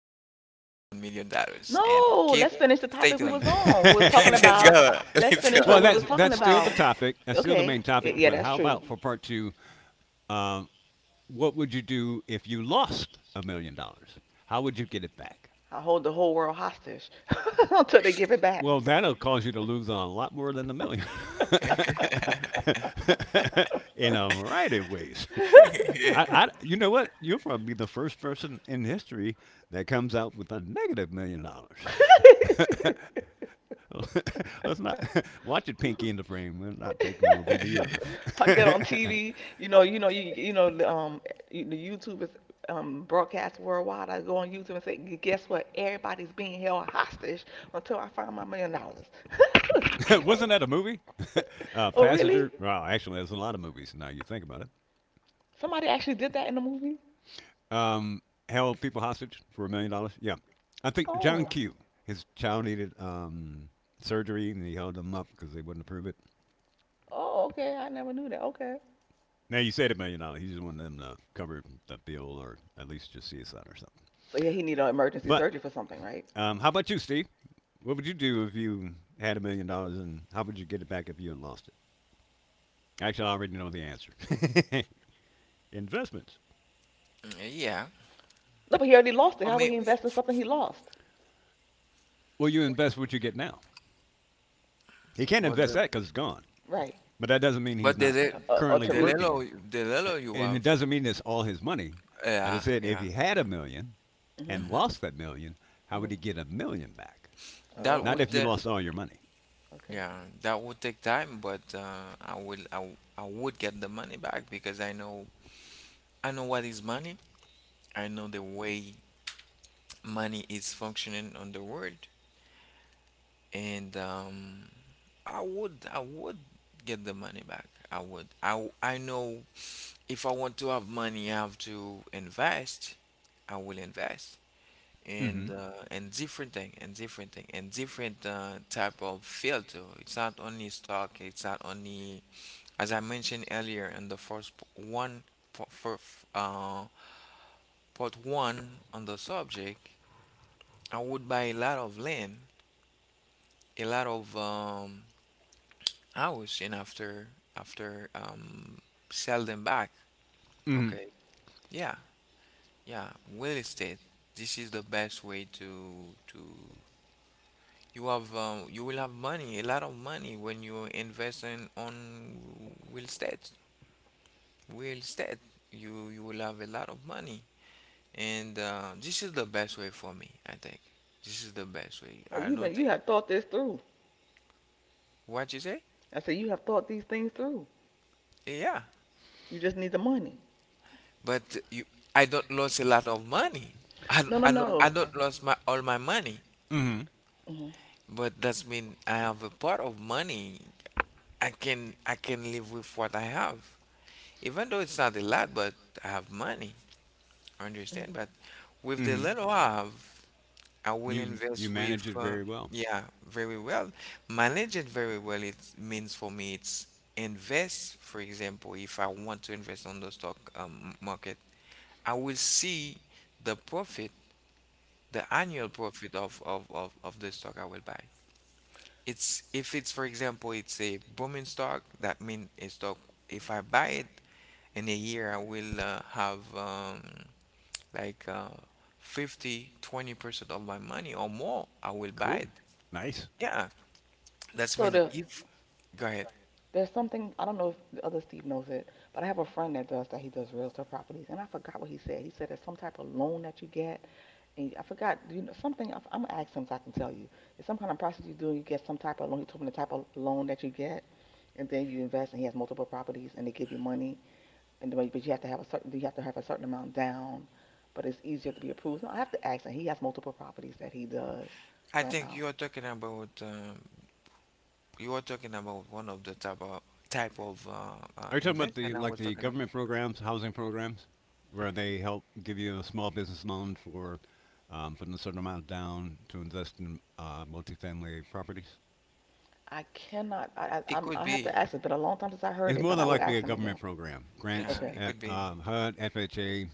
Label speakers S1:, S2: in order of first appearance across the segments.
S1: to do with $1 million? And
S2: No,
S1: keep
S2: let's finish the
S1: stay
S2: topic we was
S1: tuned.
S2: on. We was talking
S1: Let's
S2: about,
S1: go.
S2: Let's
S1: Let's
S2: finish
S1: go.
S2: what we was
S3: that's
S2: talking
S3: that's still the
S2: about.
S3: topic. That's still the
S2: Okay,
S3: main
S2: y-
S3: topic.
S2: yeah,
S3: But
S2: that's
S3: how
S2: true.
S3: about for part two? Um, what would you do if you lost $1 million? How would you get it back?
S2: I hold the whole world hostage until they give it back.
S3: Well, that'll cause you to lose a lot more than a million in a variety of ways.
S1: Yeah,
S3: You know what? You'll probably be the first person in history that comes out with a negative $1 million. Let's not watch it, Pinky in the Brain. We're not taking over the earth.
S2: I get on TV, the YouTube is broadcast worldwide. I go on YouTube and say, "Guess what? Everybody's being held hostage until I find my $1 million.
S3: Wasn't that a movie?
S2: Oh, really?
S3: Passenger. Well, actually, there's a lot of movies now you think about it.
S2: Somebody actually did that in the movie?
S3: um, Held people hostage for $1 million. Yeah, I think John
S2: Oh,
S3: Q. His child needed surgery, and he held them up because they wouldn't approve it.
S2: oh, okay. I never knew that. Okay.
S3: Now you said $1 million. He just wanted them to cover the bill, or at least just see a son or something.
S2: So yeah, he needed an emergency
S3: But
S2: surgery for something, right?
S3: how about you, Steve? What would you do if you had $1 million, and how would you get it back if you had lost it? Actually, I already know the answer. Investments.
S1: yeah,
S2: No, but he already lost it.
S1: for
S2: How would
S1: me,
S2: he invest in something he lost?
S3: Well, you invest what you get now. He can't
S1: but
S3: invest
S1: the,
S3: that because it's gone.
S2: Right.
S3: But that doesn't mean he's
S1: but the
S3: not
S1: the
S3: currently
S1: the
S2: Tariq.
S3: working.
S1: little you
S3: And it
S1: have,
S3: doesn't mean it's all his money. I
S1: yeah,
S3: just said if
S1: yeah.
S3: he had a million
S2: Mhm.
S3: and
S1: Mhm.
S3: lost that million, how would
S2: Mhm.
S3: he get a million back?
S1: That
S2: Oh,
S3: Not if
S1: would
S3: you
S2: okay.
S3: lost all your money.
S2: Okay.
S1: yeah, that would take time, but I will I, w- I would get the money back because I know what is money. I know the way money is functioning on the world, and I would get the money back. I would. I know if I want to have money, I have to invest. I will invest
S3: Mm-hmm.
S1: and different thing and different thing and different type of field too. It's not only stock. It's not only as I mentioned earlier in the one for, for uh, part one on the subject. I would buy a lot of land, a lot of hours and after sell them back.
S3: Mm-hmm.
S1: Okay. Yeah, yeah. Real estate. This is the best way to you have you will have money, a lot of money when you invest in on real estate. Real estate, you will have a lot of money, and this is the best way for me. I think this is the best way.
S2: Well,
S1: I don't
S2: you
S1: think
S2: have thought this through.
S1: what you say.
S2: I said, you have thought these things through.
S1: Yeah,
S2: You just need the money.
S1: but you, I don't lose a lot of money. I, don't-
S2: No, no,
S1: I don't, I
S2: no.
S1: don't lose my all my money,
S3: Mm-hmm.
S2: Hmm.
S1: but that's mean I have a part of money. I can live with what I have, even though it's not a lot, but I have money. Understand? But with the
S3: Mm-hmm.
S1: little I have, I will
S3: You
S1: invest with.
S3: manage it very well.
S1: Yeah, very well. Manage it very well. It means for me, it's invest. For example, if I want to invest on the stock market, I will see the profit, the annual profit of the stock I will buy. It's if it's for example it's a booming stock, that means a stock if I buy it in a year I will have like 50, 20% of my money or more, I will
S3: Cool.
S1: buy it.
S3: Nice.
S1: Yeah, that's
S2: So
S1: when if go ahead.
S2: there's something I don't know if the other Steve knows it, but I have a friend that does that. He does real estate properties, and I forgot what he said. He said there's some type of loan that you get, and I forgot something. I'm gonna ask him so I can tell you. It's some kind of process you do. You get some type of loan. He told me the type of loan that you get, and then you invest, and he has multiple properties, and they give you money. But you have to have a certain amount down, but it's easier to be approved. So I have to ask him. He has multiple properties that he does
S1: I
S2: rent
S1: think
S2: out.
S1: you are talking about you are talking about one of the type of
S3: Are you talking about
S1: investment
S3: the
S1: I
S3: like
S1: was
S3: the
S1: talking about.
S3: government programs, housing programs, where they help give you a small business loan for putting a certain amount down to invest in multifamily properties?
S2: I cannot. I
S1: It
S2: I,
S1: could
S2: i have to
S1: be,
S2: ask. It's been a long time since I heard
S3: It's
S2: it,
S3: more
S2: but I
S3: than
S2: will
S3: likely
S2: ask
S3: a
S2: him again.
S3: government program. Grants
S1: yeah,
S2: Okay.
S1: it
S3: at
S1: could be,
S3: HUD, FHA,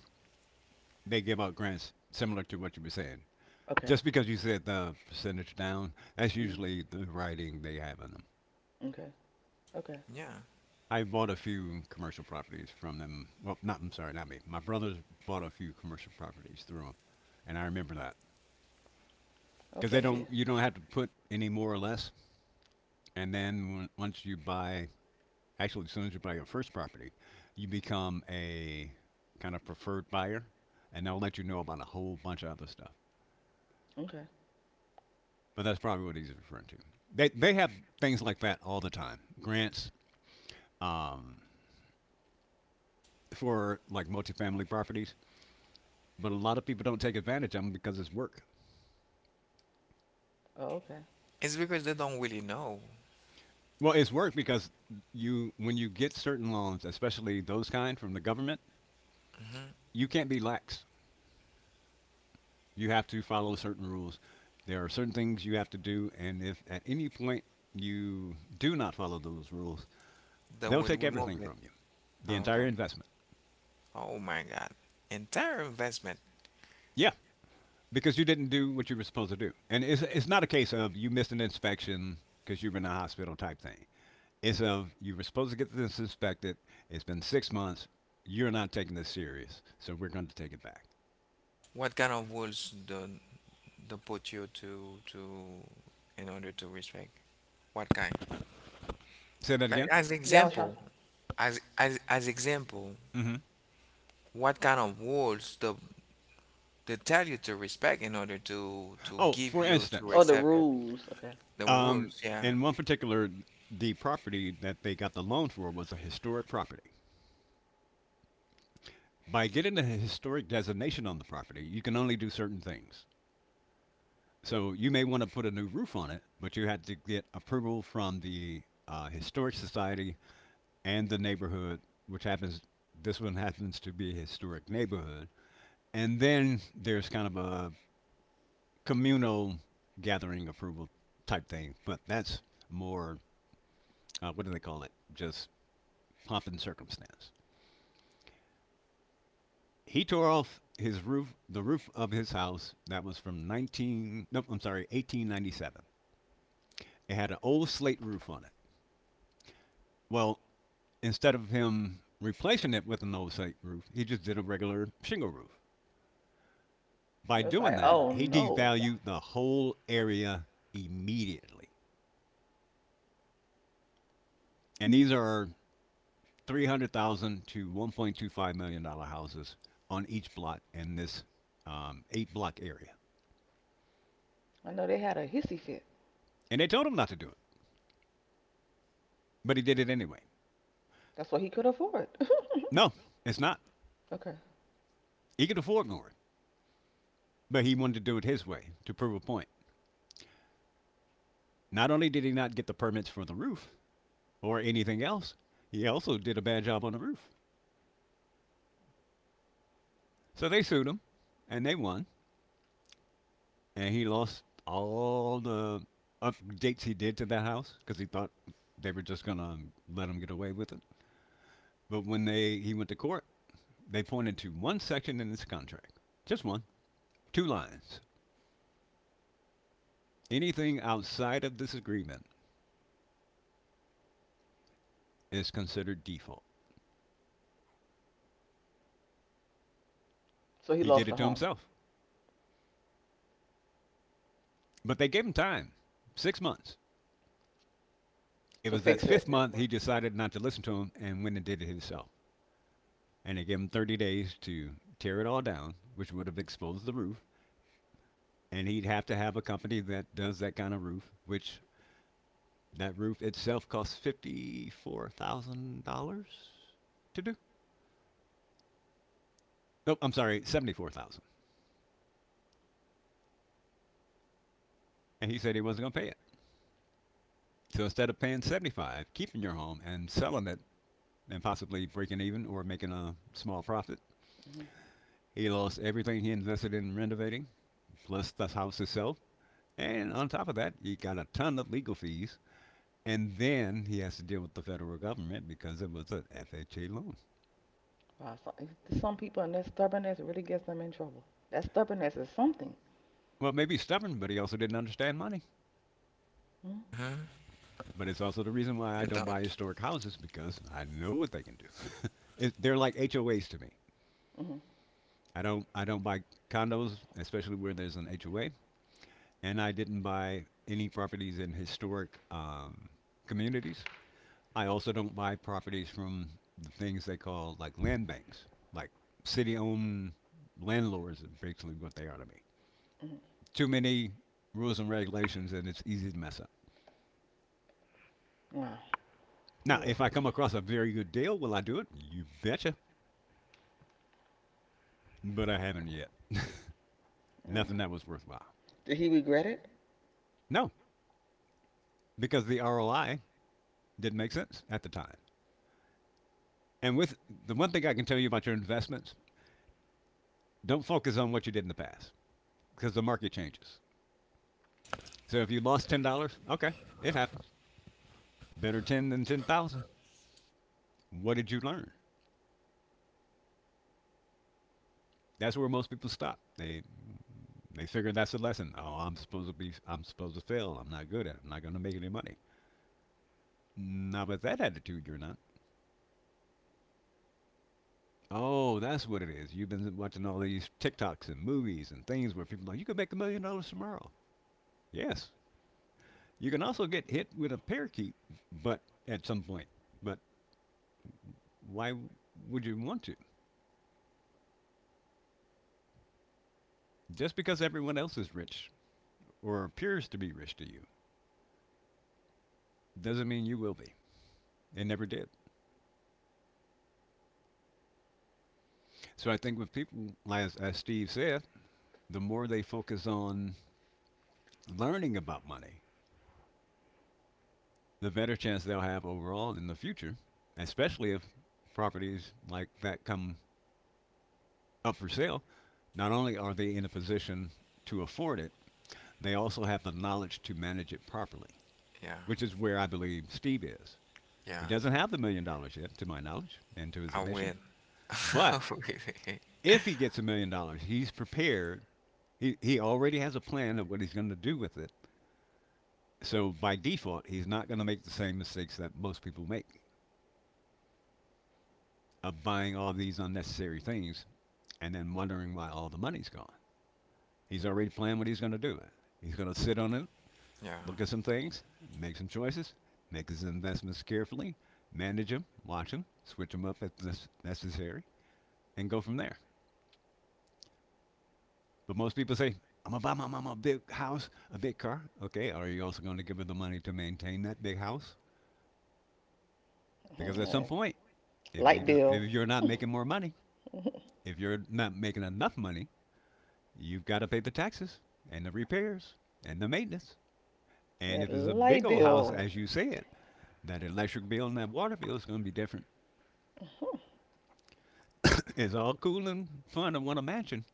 S3: they give out grants similar to what you were saying.
S2: Okay.
S3: Just because you said the percentage down, that's
S2: Mm,
S3: usually the writing they have in them.
S2: okay. Okay.
S1: yeah.
S3: I bought a few commercial properties from them. Well, not I'm sorry, not me. My brother bought a few commercial properties through them, and I remember that because they
S2: Okay. Yeah.
S3: don't. You don't have to put any more or less. And then when, once you buy actually, as soon as you buy your first property, you become a kind of preferred buyer, and they'll let you know about a whole bunch of other stuff.
S2: Okay.
S3: But that's probably what he's referring to. They have things like that all the time. Grants um, for like multifamily properties, but a lot of people don't take advantage of them because it's work.
S2: Oh, okay.
S1: It's because they don't really know.
S3: Well, it's work because you when you get certain loans, especially those kind from the government,
S1: Hmm.
S3: you can't be lax you have to follow certain rules. There are certain things you have to do, and if at any point you do not follow those rules,
S1: They
S3: they'll
S1: will
S3: take everything
S1: remove it.
S3: from you, the entire
S1: Okay.
S3: investment.
S1: Oh my God. Entire investment.
S3: Yeah, because you didn't do what you were supposed to do. And it's not a case of you missed an inspection because you were in a hospital type thing. It's of you were supposed to get this inspected. It's been 6 months. You're not taking this serious, so we're going to take it back.
S1: What kind of rules do they put you to in order to respect? What kind?
S3: Say that
S1: Like
S3: again.
S1: as
S2: Yeah, I was trying.
S1: example, as example,
S3: Hmm.
S1: what kind of rules do they tell you to respect in order to
S3: Oh,
S1: give
S3: for
S1: you to
S3: instance,
S2: Oh, the
S1: accept
S2: rules. Okay.
S1: the
S3: Um,
S1: rules? Yeah.
S3: in one particular, the property that they got the loan for was a historic property. By getting a historic designation on the property, you can only do certain things. So you may want to put a new roof on it, but you had to get approval from the historic society and the neighborhood, which happens. This one happens to be a historic neighborhood, and then there's kind of a communal gathering approval type thing, but that's more what do they call it? Just pomp and circumstance. He tore off his roof, the roof of his house that was from 19, no, I'm sorry, 1897. It had an old slate roof on it. Well, instead of him replacing it with an old slate roof, he just did a regular shingle roof. By
S2: It's like,
S3: doing that,
S2: oh
S3: he
S2: no.
S3: devalued the whole area immediately. And these are 300,000 to 1.25 million-dollar houses on each block in this eight block area.
S2: I know they had a hissy fit.
S3: And they told him not to do it, but he did it anyway.
S2: That's what he could afford.
S3: No, it's not.
S2: Okay.
S3: He could afford more, but he wanted to do it his way to prove a point. Not only did he not get the permits for the roof or anything else, he also did a bad job on the roof. So they sued him, and they won, and he lost all the updates he did to that house because he thought they were just gonna let him get away with it. But when they he went to court, they pointed to one section in this contract, just one, two lines. Anything outside of this agreement is considered default.
S2: So he
S3: He did
S2: lost the
S3: it to
S2: home
S3: himself. But they gave him time 6 months. It
S2: to
S3: was that
S2: fix
S3: fifth
S2: it.
S3: month he decided not to listen to him and went and did it himself. And they gave him 30 days to tear it all down, which would have exposed the roof. And he'd have to have a company that does that kind of roof, which that roof itself costs $54,000 to do. No, I'm sorry, 74,000. And he said he wasn't going to pay it. So instead of paying 75 keeping your home and selling it, and possibly breaking even or making a small profit,
S2: Mhm.
S3: he lost everything he invested in renovating, plus the house itself. And on top of that, he got a ton of legal fees. And then he has to deal with the federal government because it was an FHA loan.
S2: Wow, if some people and that stubbornness really gets them in trouble. That stubbornness is something.
S3: Well, maybe stubborn, but he also didn't understand money.
S2: Mm,
S1: Hmm.
S3: But it's also the reason why
S1: They
S3: I don't buy
S1: don't.
S3: historic houses because I know what they can do. They're like HOAs to me.
S2: mm,
S3: I don't buy condos, especially where there's an HOA, and I didn't buy any properties in historic communities. I also don't buy properties from the things they call like land banks, like city-owned landlords is basically what they are to me.
S2: mm.
S3: Too many rules and regulations, and it's easy to mess up.
S2: Wow, you
S3: Now,
S2: was.
S3: if I come across a very good deal, will I do it? You betcha. But I haven't yet.
S2: Mm.
S3: Nothing that was worthwhile.
S2: Did he regret it?
S3: No, because the ROI didn't make sense at the time. And with the one thing I can tell you about your investments, don't focus on what you did in the past because the market changes. So if you lost $10, okay, it happens. Better 10 than 10,000. What did you learn? That's where most people stop. They figure that's a lesson. Oh, I'm supposed to fail. I'm not good at it. I'm not going to make any money. Now with that attitude you're not. Oh, that's what it is. You've been watching all these TikToks and movies and things where people are like you could make $1 million tomorrow. Yes. You can also get hit with a parakeet but at some point. But why would you want to? Just because everyone else is rich or appears to be rich to you doesn't mean you will be. It never did. So I think with people, as Steve said, the more they focus on learning about money, the better chance they'll have overall in the future, especially if properties like that come up for sale. Not only are they in a position to afford it, they also have the knowledge to manage it properly,
S1: Yeah.
S3: which is where I believe Steve is.
S1: Yeah.
S3: He doesn't have the $1 million yet, to my knowledge, and to his
S1: I will.
S3: admission. But
S1: Really?
S3: if he gets $1 million, he's prepared. He already has a plan of what he's going to do with it. So by default, he's not going to make the same mistakes that most people make of buying all these unnecessary things and then wondering why all the money's gone. He's already planned what he's going to do. He's going to sit on it,
S1: Yeah.
S3: look at some things, make some choices, make his investments carefully, manage them, watch them, switch them up if necessary, and go from there. But most people say, I'm going to buy my mama a big house, a big car. Okay, are you also going to give her the money to maintain that big house?
S2: Mm,
S3: Because at some
S2: yeah.
S3: point, if
S2: Light
S3: you do,
S2: bill.
S3: if you're not making more money, if you're not making enough money, you've got to pay the taxes and the repairs and the maintenance. And
S2: That
S3: if it's a
S2: light
S3: big old house,
S2: bill.
S3: as you said, that electric bill and that water bill is going to be different. It's all cool and fun to want a mansion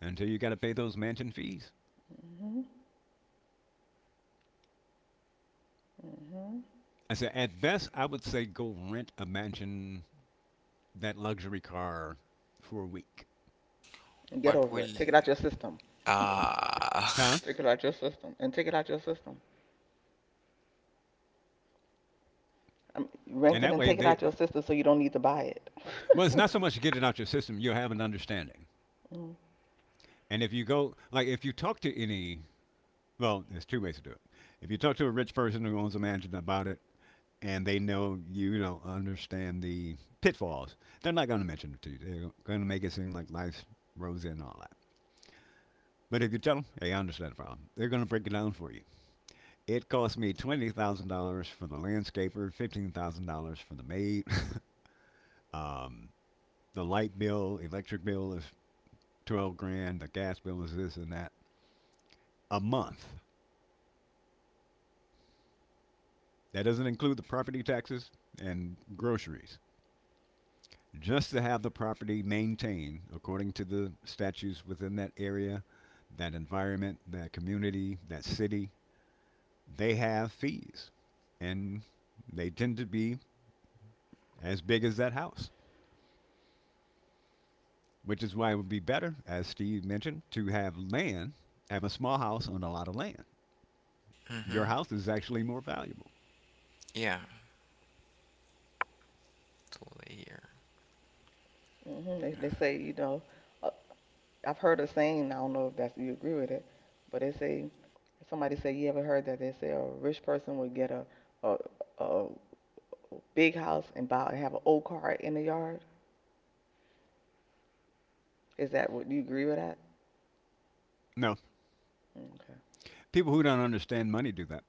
S3: until you got to pay those mansion fees.
S2: Mm-hmm. Mm-hmm.
S3: I said, at best, I would say go rent a mansion, that luxury car, for a week.
S1: What
S2: Get
S1: will
S2: over it. Take it out your system.
S1: Uh,
S3: Huh?
S2: Take it out your system. And take it out your system. I mean, rent
S3: And
S2: it
S3: that
S2: and
S3: way,
S2: take it
S3: they
S2: out your system so you don't need to buy it.
S3: well, it's not so much to get it out your system. You have an understanding.
S2: Mm,
S3: And if you talk to any well, there's two ways to do it. If you talk to a rich person who owns a mansion about it and they know you don't understand the pitfalls, they're not going to mention it to you. They're going to make it seem like life's rosy and all that. But if you tell them, hey, I understand the problem, they're going to break it down for you. It cost me $20,000 for the landscaper, $15,000 for the maid. um, the light bill, electric bill is 12 grand, the gas bill is this and that a month. That doesn't include the property taxes and groceries, just to have the property maintained according to the statutes within that area, that environment, that community, that city. They have fees. And they tend to be as big as that house, which is why it would be better, as Steve mentioned, to have land, have a small house on a lot of land. Your
S1: hmm
S3: house is actually more valuable.
S1: Yeah, totally here.
S2: hmm. They say, uh, I've heard a saying, I don't know if that's you agree with it, but they say Somebody said, "You ever heard that?" They say a rich person would get a, a big house and buy and have an old car in the yard. Is that what you agree with that?
S3: No,
S2: Okay.
S3: people who don't understand money do that.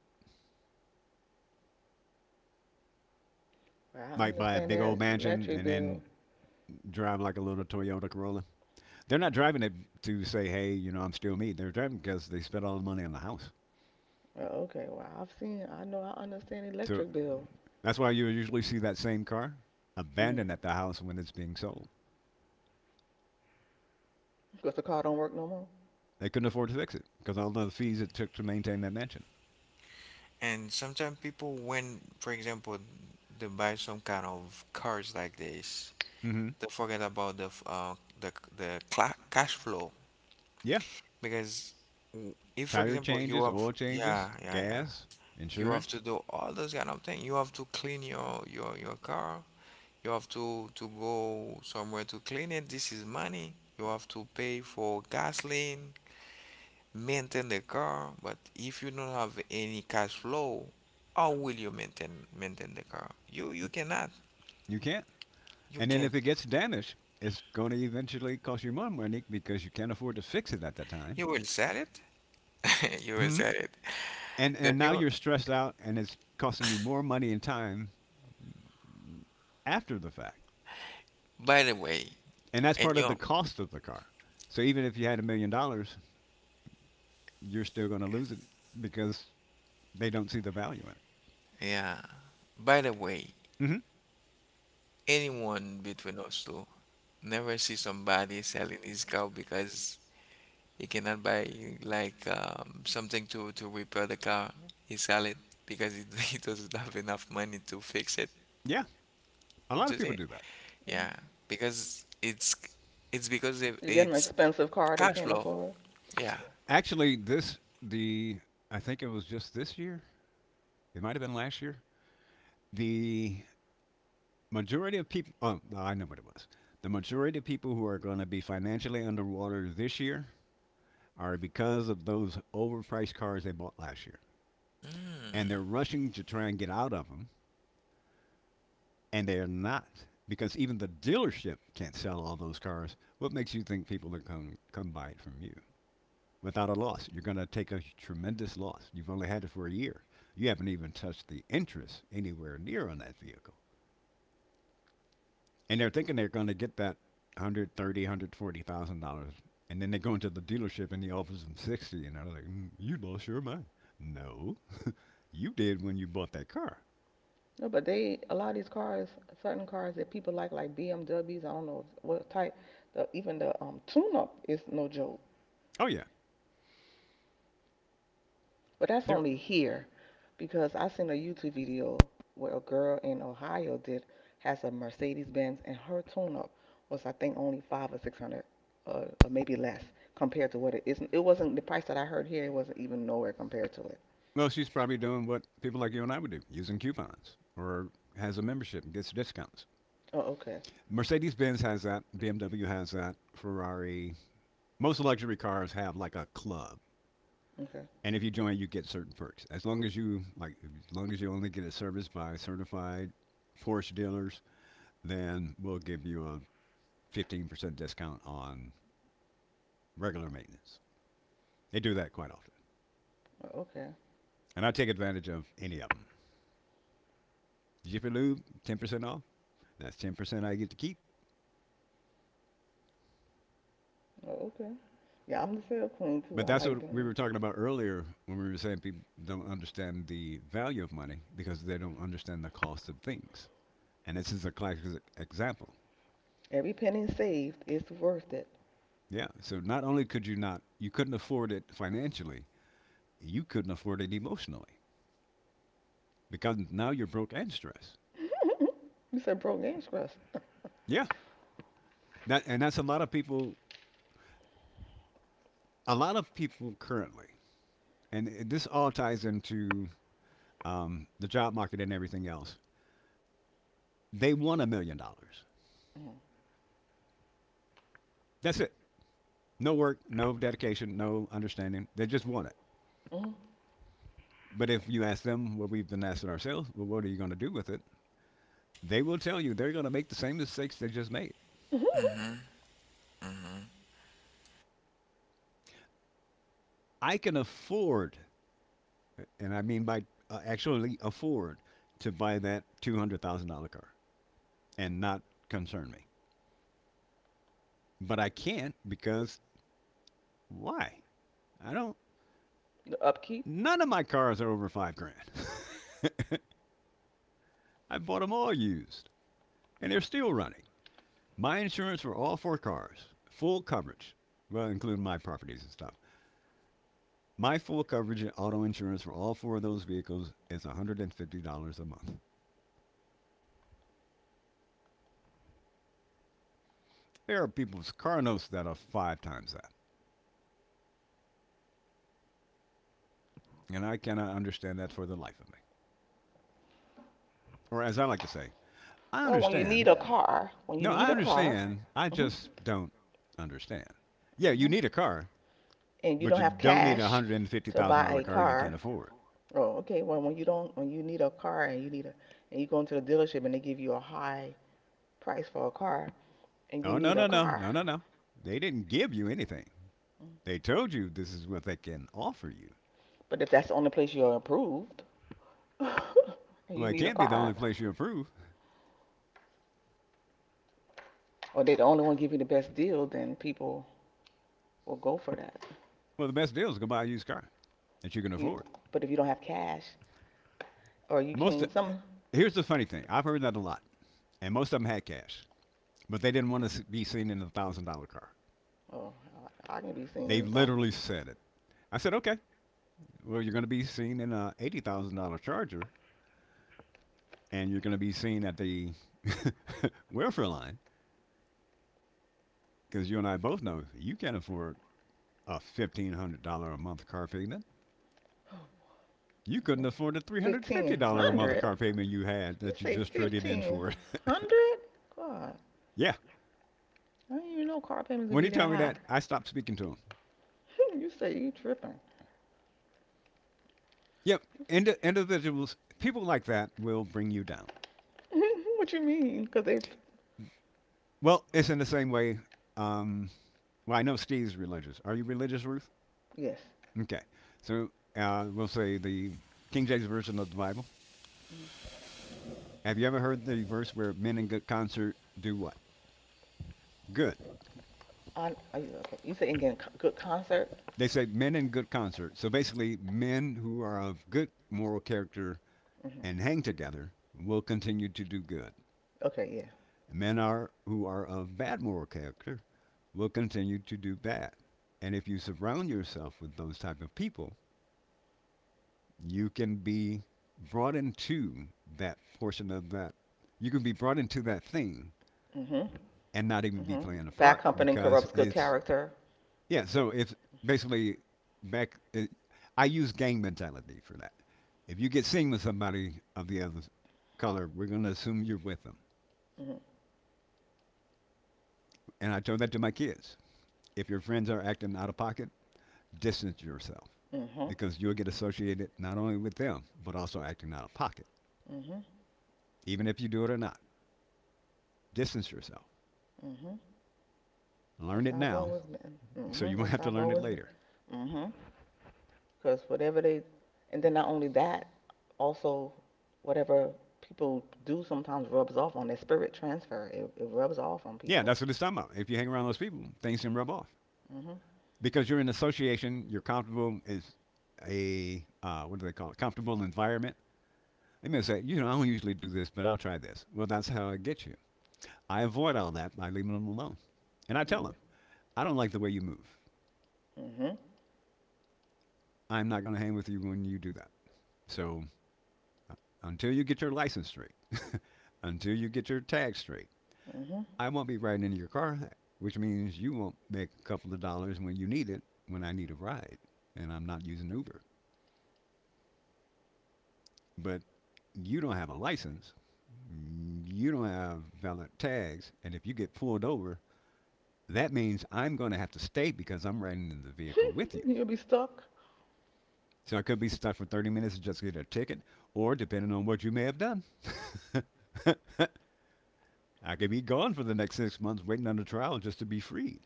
S2: Well, I
S3: Like buy a
S2: understand
S3: big old
S2: that
S3: mansion
S2: electric
S3: and
S2: bill.
S3: then drive like a little Toyota Corolla. They're
S2: Uh,
S3: not driving it to say, hey, you know, I'm still me. They're driving because they spent all the money on the house.
S2: well, okay. Well, I've seen. I know. I understand
S3: So
S2: electric bill.
S3: that's why you usually see that same car
S2: Mm.
S3: abandoned at the house when it's being sold.
S2: Because the car don't work no more.
S3: They couldn't afford to fix it because all the fees it took to maintain that mansion.
S1: And sometimes people, when, for example, they buy some kind of cars like this,
S3: Hmm.
S1: they forget about the cla cash flow
S3: Yeah,
S1: because w- if, for
S3: tire
S1: example, you
S3: changes,
S1: have
S3: oil
S1: yeah
S3: changes,
S1: yeah yeah
S3: gas,
S1: you have to
S3: insurance.
S1: do all those kind of thing. You have to clean your your car. You have to go somewhere to clean it. This is money. You have to pay for gasoline. Maintain the car, but if you don't have any cash flow, how will you maintain the car? You cannot.
S3: You can't.
S1: You
S3: And
S1: can't.
S3: then if it gets damaged, it's going to eventually cost you more money because you can't afford to fix it at the
S1: You
S3: time.
S1: will sell it. You will
S3: hmm
S1: sell it.
S3: And
S1: That
S3: and now
S1: you
S3: you're stressed out, and it's costing you more money and time after the fact.
S1: by the way,
S3: And that's
S1: and
S3: part of
S1: you
S3: the cost of the car. So even if you had $1 million, you're still going to lose it because they don't see the value
S1: yeah, by the way,
S3: in it. Hmm.
S1: anyone between us two never see somebody selling his car because he cannot buy like something to repair the car. He sell it because he, he doesn't have enough money to fix
S3: Yeah, a lot of
S1: it.
S3: people do that.
S1: Yeah,
S2: Mm.
S1: because it's it's because it,
S2: You get an
S1: it's
S2: expensive car they
S1: cash
S2: can't
S1: flow.
S2: afford.
S1: Yeah.
S3: Actually, this the I think it was just this year. It might have been last year. The majority of people. Oh, no, I know what it was. The majority of people who are going to be financially underwater this year are because of those overpriced cars they bought last year. And
S1: Mm.
S3: they're rushing to try and get out of them, and they're not, because even the dealership can't sell all those cars. What makes you think people are come buy it from you without a loss? You're going to take a tremendous loss. You've only had it for a year. You haven't even touched the interest anywhere near on that vehicle, and they're thinking they're going to get that 130, thousand, $140,000, and then they go into the dealership and the offers them 60, and they're like, "You lost your mind." No, you did when you bought that car.
S2: No, but they a lot of these cars, certain cars that people like, BMWs. I don't know what type. Even the tune-up is no joke.
S3: Oh yeah,
S2: But that's
S3: there.
S2: only here because I seen a YouTube video where a girl in Ohio did has a Mercedes Benz and her tune up was I think only five or six hundred, or maybe less compared to what it is. It wasn't the price that I heard here. It wasn't even nowhere compared to it.
S3: Well, she's probably doing what people like you and I would do, using coupons or has a membership and gets discounts.
S2: Oh, okay,
S3: Mercedes Benz has that, BMW has that, Ferrari. Most luxury cars have like a club.
S2: okay,
S3: And if you join, you get certain perks. As long as you only get it serviced by certified Porsche dealers, then we'll give you a 15% discount on regular maintenance. They do that quite often,
S2: oh, okay,
S3: and I take advantage of any of them. Jiffy Lube, 10% off. That's 10% I get to keep.
S2: oh, okay. Yeah, I'm the sale queen too.
S3: But
S2: I
S3: that's
S2: like
S3: what
S2: doing
S3: we were
S2: that.
S3: talking about earlier when we were saying people don't understand the value of money because they don't understand the cost of things. And this is a classic example.
S2: Every penny saved is worth it.
S3: Yeah. So not only could you not, you couldn't afford it financially, you couldn't afford it emotionally because now you're broke and stressed.
S2: You said broke and scrubs.
S3: Yeah, that's a lot of people. A lot of people currently, and this all ties into the job market and everything else. They want $1 million.
S2: Mm-hmm.
S3: That's it. No work, no dedication, no understanding. They just want it. But
S2: Mm-hmm.
S3: if you ask them what we've been asking ourselves, well, what are you going to do with it? They will tell you they're going to make the same mistakes they just made.
S1: Mm-hmm. Mm-hmm.
S3: I can afford, and I mean by actually afford, to buy that $200,000 car and not concern me. But I can't because why? I don't.
S2: The upkeep.
S3: None of my cars are over 5 grand. I bought them all used, and they're still running. My insurance for all four cars, full coverage, well, including my properties and stuff. My full coverage and auto insurance for all four of those vehicles is $150 a month. There are people's car notes that are five times that, and I cannot understand that for the life of me. Or as I like to say, I
S2: Well,
S3: understand.
S2: when you
S3: No,
S2: need
S3: I
S2: a car,
S3: understand. I
S2: hmm
S3: just don't understand. Yeah, you
S2: hmm
S3: need a car,
S2: and you
S3: but
S2: don't
S3: you
S2: have
S3: don't need a
S2: cash
S3: hundred and fifty
S2: to
S3: thousand
S2: buy
S3: dollar
S2: a
S3: car you
S2: car.
S3: can't afford.
S2: Oh, okay. Well, when you don't, when you need a car and and you go into the dealership and they give you a high price for a car, and you
S3: Oh, no,
S2: need
S3: no,
S2: a
S3: no,
S2: car,
S3: no, no, no. They didn't give you anything. They told you this is what they can offer you.
S2: but if that's the only place you're approved, and
S3: Well,
S2: you
S3: it
S2: need a
S3: can't be the only
S2: car,
S3: place you approve.
S2: or they're the only one giving you the best deal, then people will go for that.
S3: Well, the best deal is go buy a used car that you can
S2: You,
S3: afford.
S2: but if you don't have cash, or you
S3: Most of,
S2: can't, some,
S3: here's the funny thing. I've heard that a lot, and most of them had cash, but they didn't want to be seen in $1,000 car.
S2: oh, I can be seen
S3: They
S2: in
S3: have
S2: the dollar.
S3: literally said it. I said, okay, well, you're going to be seen in a $80,000 Charger and you're going to be seen at the welfare line because you and I both know you can't afford a $1,500 a month car payment. You couldn't afford the three hundred fifty
S2: Fifteen
S3: dollar a month
S2: hundred?
S3: car payment you had
S2: You
S3: that you
S2: say
S3: just traded in
S2: fifteen
S3: for it.
S2: hundred? God,
S3: Yeah,
S2: I didn't even know car payments could
S3: when he
S2: be that
S3: told me
S2: high.
S3: that, I stopped speaking to him.
S2: You say you tripping?
S3: Yep. Individuals, people like that will bring you down.
S2: What you mean? 'Cause they
S3: Well, it's in the same way. Um, well, I know Steve's religious. Are you religious, Ruth?
S2: yes.
S3: Okay, so we'll say the King James version of the Bible.
S2: Mm.
S3: Have you ever heard the verse where men in good concert do what? Good.
S2: I, okay. You say getting good concert?
S3: They say men in good concert. So basically, men who are of good moral character and
S2: Hmm.
S3: hang together will continue to do good.
S2: Okay,
S3: Men are who are of bad moral character will continue to do bad. And if you surround yourself with those type of people, you can be brought into that portion of that. You can be brought into that thing
S2: yeah. Mhm.
S3: and not even be
S2: Mhm.
S3: playing a
S2: Bad
S3: part
S2: company
S3: because
S2: corrupts good
S3: it's.
S2: character.
S3: Yeah. So it's basically back, it, I use gang mentality for that. If you get seen with somebody of the other color, we're going to assume you're with them.
S2: Mhm.
S3: And I told that to my kids. If your friends are acting out of pocket, distance yourself,
S2: Mhm.
S3: because you'll get associated not only with them but also acting out of pocket,
S2: Mhm.
S3: even if you do it or not. Distance yourself.
S2: Mhm.
S3: Learn
S2: That's
S3: it
S2: how I've
S3: now,
S2: always been.
S3: so
S2: Mhm.
S3: you won't
S2: That's
S3: have
S2: how
S3: to
S2: I've
S3: learn it
S2: always been.
S3: later.
S2: Mhm. Because whatever they, and then not only that, also whatever people do sometimes rubs off on their spirit transfer. It rubs off on
S3: Yeah,
S2: people.
S3: that's what it's talking about. If you hang around those people, things can rub off,
S2: Mm. Mhm.
S3: because you're in association, you're comfortable is a what do they call it? Comfortable environment. They may say, I don't usually do this, but I'll try this. Well, that's how I get you. I avoid all that by leaving them alone, and I
S2: Mm.
S3: tell them,
S2: Mm.
S3: I don't like the way you move.
S2: Mhm. Mm.
S3: I'm not going to hang with you when you do that. So until you get your license straight, until you get your tag straight,
S2: Mhm. Mhm.
S3: I won't be riding into your car, which means you won't make a couple of dollars when you need it, when I need a ride, and I'm not using Uber. But you don't have a license, you don't have valid tags, and if you get pulled over, that means I'm going to have to stay because I'm riding in the vehicle with you.
S2: You'll be stuck.
S3: So I could be stuck for 30 minutes and just get a ticket, or depending on what you may have done, I could be gone for the next 6 months waiting on a trial just to be freed.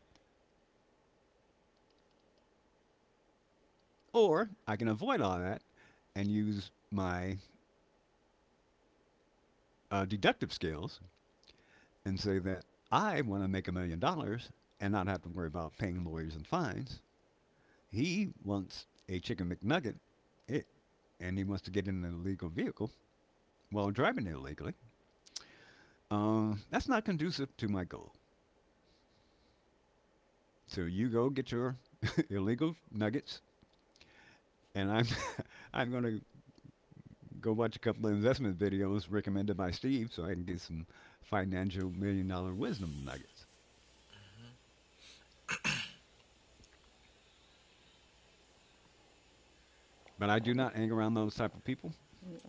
S3: Or I can avoid all that and use my deductive skills and say that I want to make $1 million and not have to worry about paying lawyers and fines. He wants a chicken McNugget, it, and he wants to get in an illegal vehicle while driving it illegally. That's not conducive to my goal. So you go get your illegal nuggets, and I'm I'm gonna go watch a couple of investment videos recommended by Steve, so I can get some financial $1 million wisdom nuggets. But I do not hang around those type of people,
S2: Mm.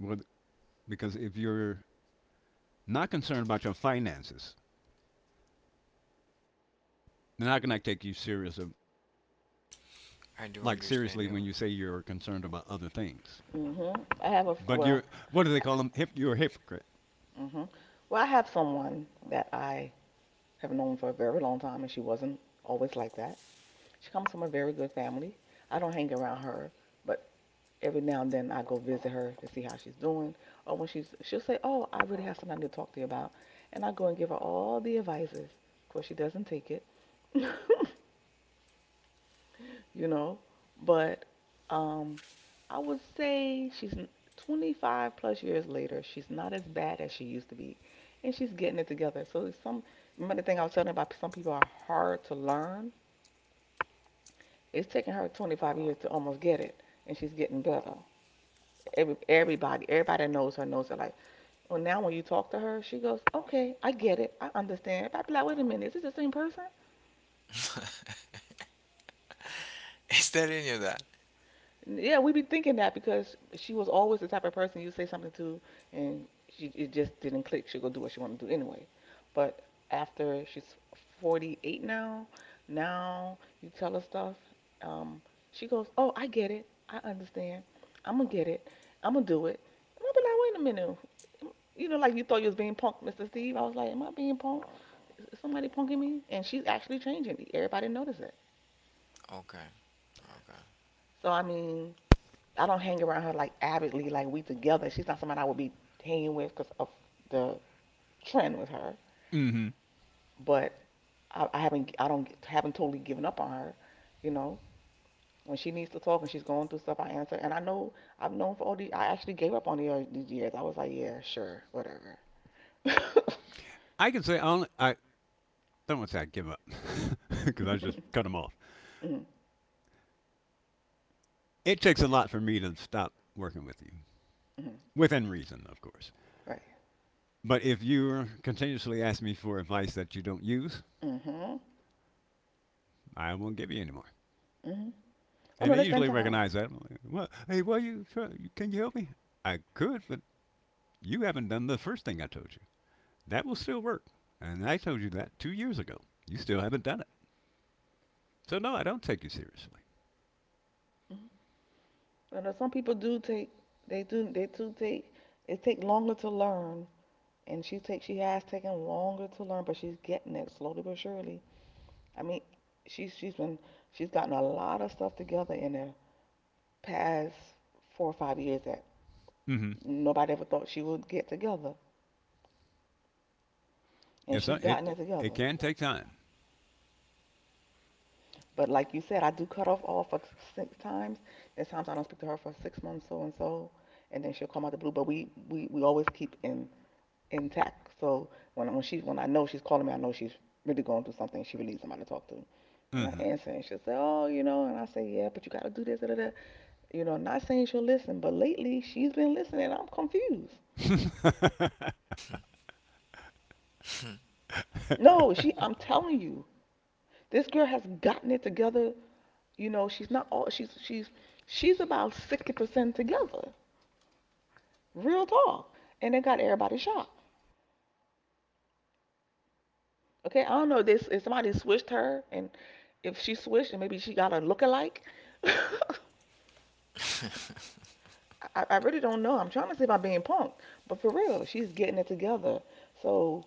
S3: well, because if you're not concerned about your finances, they're not gonna take you serious of
S1: I do
S3: like
S1: understand
S3: seriously
S1: you.
S3: when you say you're concerned about other things.
S2: Mhm. I have a
S3: But
S2: well.
S3: you're What do they call them? You're a hypocrite.
S2: Mm. Mhm. Well, I have someone that I have known for a very long time, and she wasn't always like that. She comes from a very good family. I don't hang around her, but every now and then I go visit her to see how she's doing. Or she'll say, "Oh, I really have something I need to talk to you about," and I go and give her all the advices. Of course, she doesn't take it, you know. But um, I would say she's 25 plus years later. She's not as bad as she used to be, and she's getting it together. So some remember the thing I was telling you about some people are hard to learn. It's taken her 25 years to almost get it, and she's getting better. Every everybody, everybody knows her like Well, now when you talk to her, she goes, "Okay, I get it. I understand." I'd be like, "Wait a minute, is this the same person?"
S1: Is telling you that.
S2: Yeah, we be thinking that because she was always the type of person you say something to, and she it just didn't click. She'll go do what she want to do anyway. But after she's 48 now, now you tell her stuff. um, she goes, "Oh, I get it. I understand. I'm gonna get it. I'm gonna do it." And I'll be like, "Wait a minute." You know, like you thought you was being punked, Mr. Steve. I was like, "Am I being punked? Is somebody punking me?" And she's actually changing. Everybody notices it.
S1: Okay.
S2: So I mean, I don't hang around her like avidly, like we together. She's not someone I would be hanging with because of the trend with her.
S3: Mm-hmm.
S2: But I haven't, I don't, haven't totally given up on her. You know, when she needs to talk and she's going through stuff, I answer. And I've known for all these. I actually gave up on these years. I was like, yeah, sure, whatever. Mm,
S3: I can say I don't want to say I give up because I just cut them off.
S2: mm,
S3: It takes a lot for me to stop working with you,
S2: mm.
S3: within reason, of course.
S2: Right.
S3: But if you continuously ask me for advice that you don't use,
S2: Hmm, hmm.
S3: I won't give you any more.
S2: Oh
S3: And
S2: no,
S3: they
S2: they spend
S3: usually
S2: time.
S3: recognize that. I'm like, well, hey, well, you try, can you help me? I could, but you haven't done the first thing I told you. That will still work, and I told you that 2 years ago. You still haven't done it. So no, I don't take you seriously.
S2: Mm-hmm. Some people do take, they do take, it take longer to learn, and she has taken longer to learn, but she's getting it slowly but surely. I mean, she's she's been she's gotten a lot of stuff together in the past 4 or 5 years that
S3: Mm-hmm.
S2: nobody ever thought she would get together, and
S3: It's
S2: she's
S3: not,
S2: gotten
S3: it
S2: it
S3: it
S2: together.
S3: can take time.
S2: But like you said, I do cut off all for six times. There's times I don't speak to her for 6 months, so and so, and then she'll come out the blue. But we always keep in intact. So when I know she's calling me, I know she's really going through something. She really needs somebody to talk to. And I
S3: Mm-hmm.
S2: answer, and she'll say, "Oh, you know," and I say, "Yeah, but you got to do this." Da, da, da. You know, not saying she'll listen, but lately she's been listening. I'm confused.
S1: Okay.
S2: No, she. I'm telling you, this girl has gotten it together. You know, she's not all. She's about 60% together. Real talk. And it got everybody shocked. Okay, I don't know if this if somebody switched her, and if she switched, and maybe she got a lookalike. I really don't know. I'm trying to see if I'm being punked, but for real, she's getting it together. So,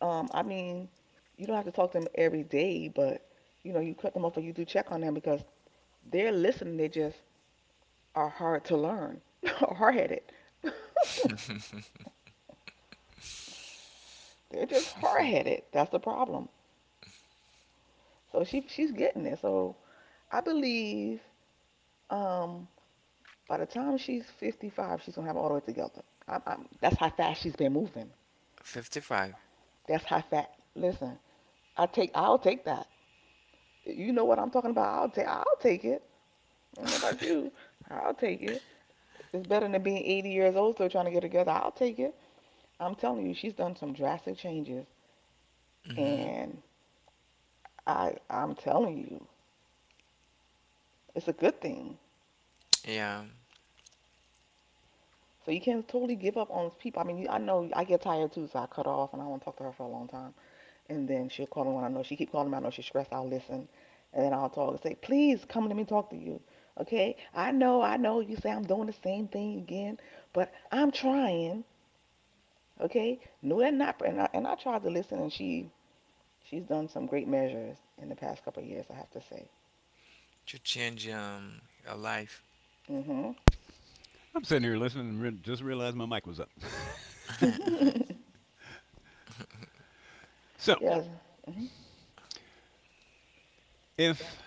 S2: I mean, you don't have to talk to them every day, but you cut them off or you do check on them because they're listening. They just are hard to learn, hard-headed. They're just hard-headed. That's the problem. So she's getting it. So I believe um by the time she's 55, she's gonna have all the way together. That's how fast she's been moving.
S1: 55.
S2: That's how fast. Listen, I'll take that. You know what I'm talking about? I'll take it. I don't know about you. I'll take it. It's better than being 80 years old still trying to get together. I'll take it. I'm telling you, she's done some drastic changes,
S1: Mm-hmm.
S2: and I'm telling you, it's a good thing.
S1: Yeah.
S2: So you can't totally give up on people. I mean, I know I get tired too, so I cut off and I don't talk to her for a long time. And then she'll call me when I know she keep calling me. I know she's stressed. I'll listen, and then I'll talk and say, "Please come let me talk to you." Okay? I know, I know. You say I'm doing the same thing again, but I'm trying. Okay? No, and not. And I tried to listen, and she's done some great measures in the past couple of years. I have to say.
S1: To change your life.
S2: Hmm.
S3: I'm sitting here listening and just realized my mic was up. So,
S2: Yes. Hmm.
S3: if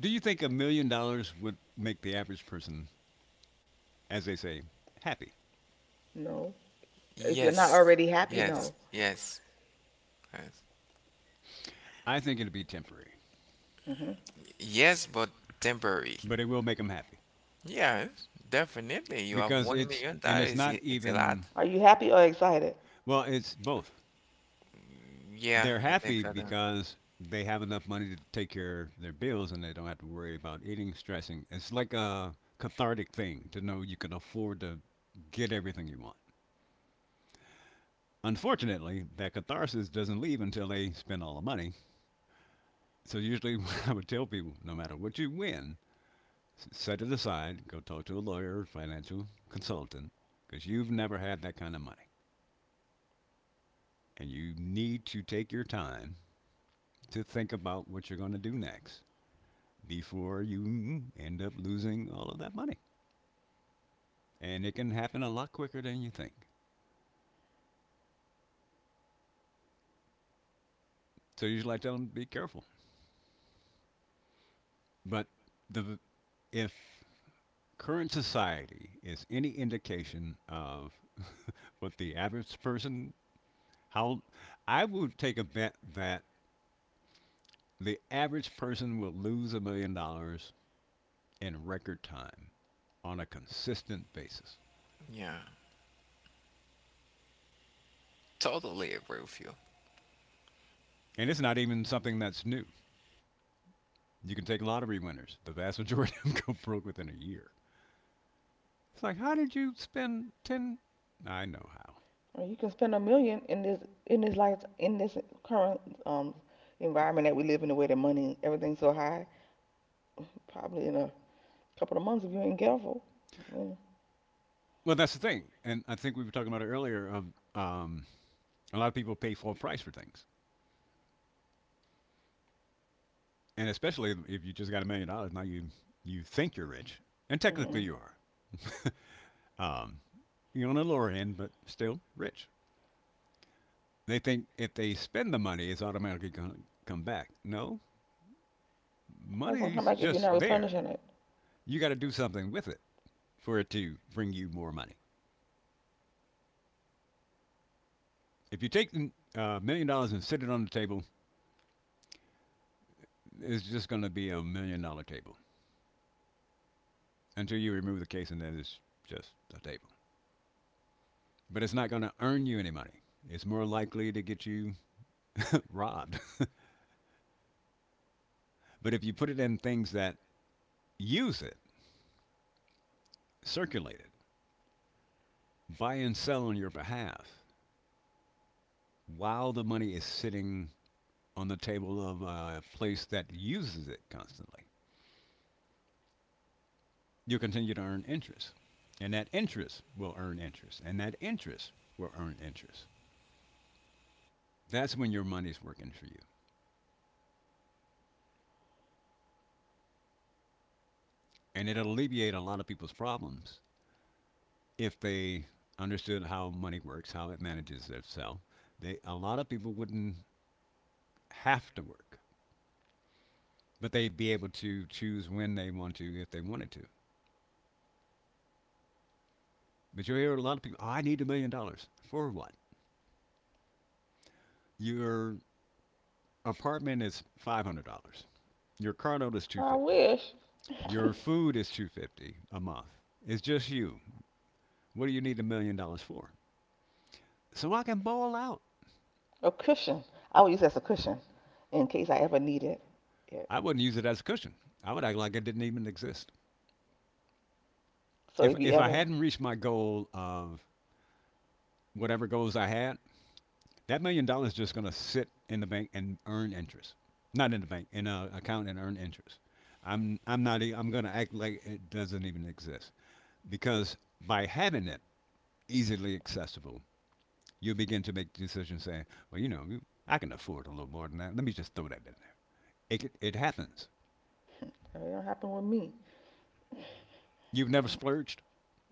S3: do you think $1 million would make the average person, as they say, happy?
S2: No. If you're not
S1: Yes.
S2: already happy, no.
S1: Yes. Yes. Yes.
S3: I think it'd be temporary,
S2: Hmm.
S1: Yes, but temporary.
S3: but it will make them happy
S1: Yes, definitely. You have
S3: because
S1: one
S3: it's
S1: million
S3: and it's
S1: dollars.
S3: not
S1: I- It's a lot.
S3: even
S2: Are you happy or excited?
S3: well, it's both.
S1: Yeah,
S3: They're
S1: I think
S3: happy
S1: so. Then.
S3: because they have enough money to take care of their bills, and they don't have to worry about eating, stressing. It's like a cathartic thing to know you can afford to get everything you want. Unfortunately, that catharsis doesn't leave until they spend all the money. So usually, what I would tell people: no matter what you win, set it aside, go talk to a lawyer or financial consultant because you've never had that kind of money, and you need to take your time to think about what you're going to do next before you end up losing all of that money. And it can happen a lot quicker than you think. So usually I tell them be careful. But the if current society is any indication of what the average person how I would take a bet that the average person will lose $1 million in record time on a consistent basis.
S1: Yeah. Totally agree with you.
S3: And it's not even something that's new. You can take lottery winners. The vast majority of them go broke within a year. It's like, how did you spend ten? I know how.
S2: Well, you can spend a million in this life in this current um environment that we live in, the way that money everything's so high. Probably in a couple of months if you ain't careful. Mm,
S3: Well, that's the thing, and I think we were talking about it earlier. Of um, a lot of people pay full price for things, and especially if you just got $1 million, now you think you're rich, and
S2: mm.
S3: technically you are. um, you're on the lower end, but still rich. They think if they spend the money, it's automatically going to come back. No,
S2: That's gonna come
S3: money's
S2: back if you're not
S3: just there.
S2: replenishing it.
S3: You got to do something with it for it to bring you more money. If you take a $1 million and sit it on the table, it's just going to be $1 million table until you remove the case, and then it's just a table. But it's not going to earn you any money. It's more likely to get you robbed. But if you put it in things that use it, circulate it, buy and sell on your behalf, while the money is sitting on the table of a place that uses it constantly, you'll continue to earn interest. And that interest will earn interest. And that interest will earn interest. That's when your money's working for you. And it'd alleviate a lot of people's problems if they understood how money works, how it manages itself. They A lot of people wouldn't have to work, but they'd be able to choose when they want to if they wanted to. But you hear a lot of people, oh, I need $1 million for what? Your apartment is $500. Your car note is two hundred
S2: I
S3: fifty.
S2: wish
S3: dollars. Your food is $250 a month. It's just you. What do you need $1 million for? So I can bowl out.
S2: a cushion. I would use that as a cushion in case I ever needed it. Yeah.
S3: I wouldn't use it as a cushion. I would act like it didn't even exist.
S2: So
S3: if
S2: if you
S3: if I
S2: ever,
S3: hadn't reached my goal of whatever goals I had, that $1 million is just going to sit in the bank and earn interest. Not in the bank, in an account and earn interest. I'm not e- I'm going to act like it doesn't even exist because by having it easily accessible, you begin to make decisions saying, well, I can afford a little more than that. Let me just throw that in there. It happens.
S2: it don't happen with me.
S3: You've never splurged.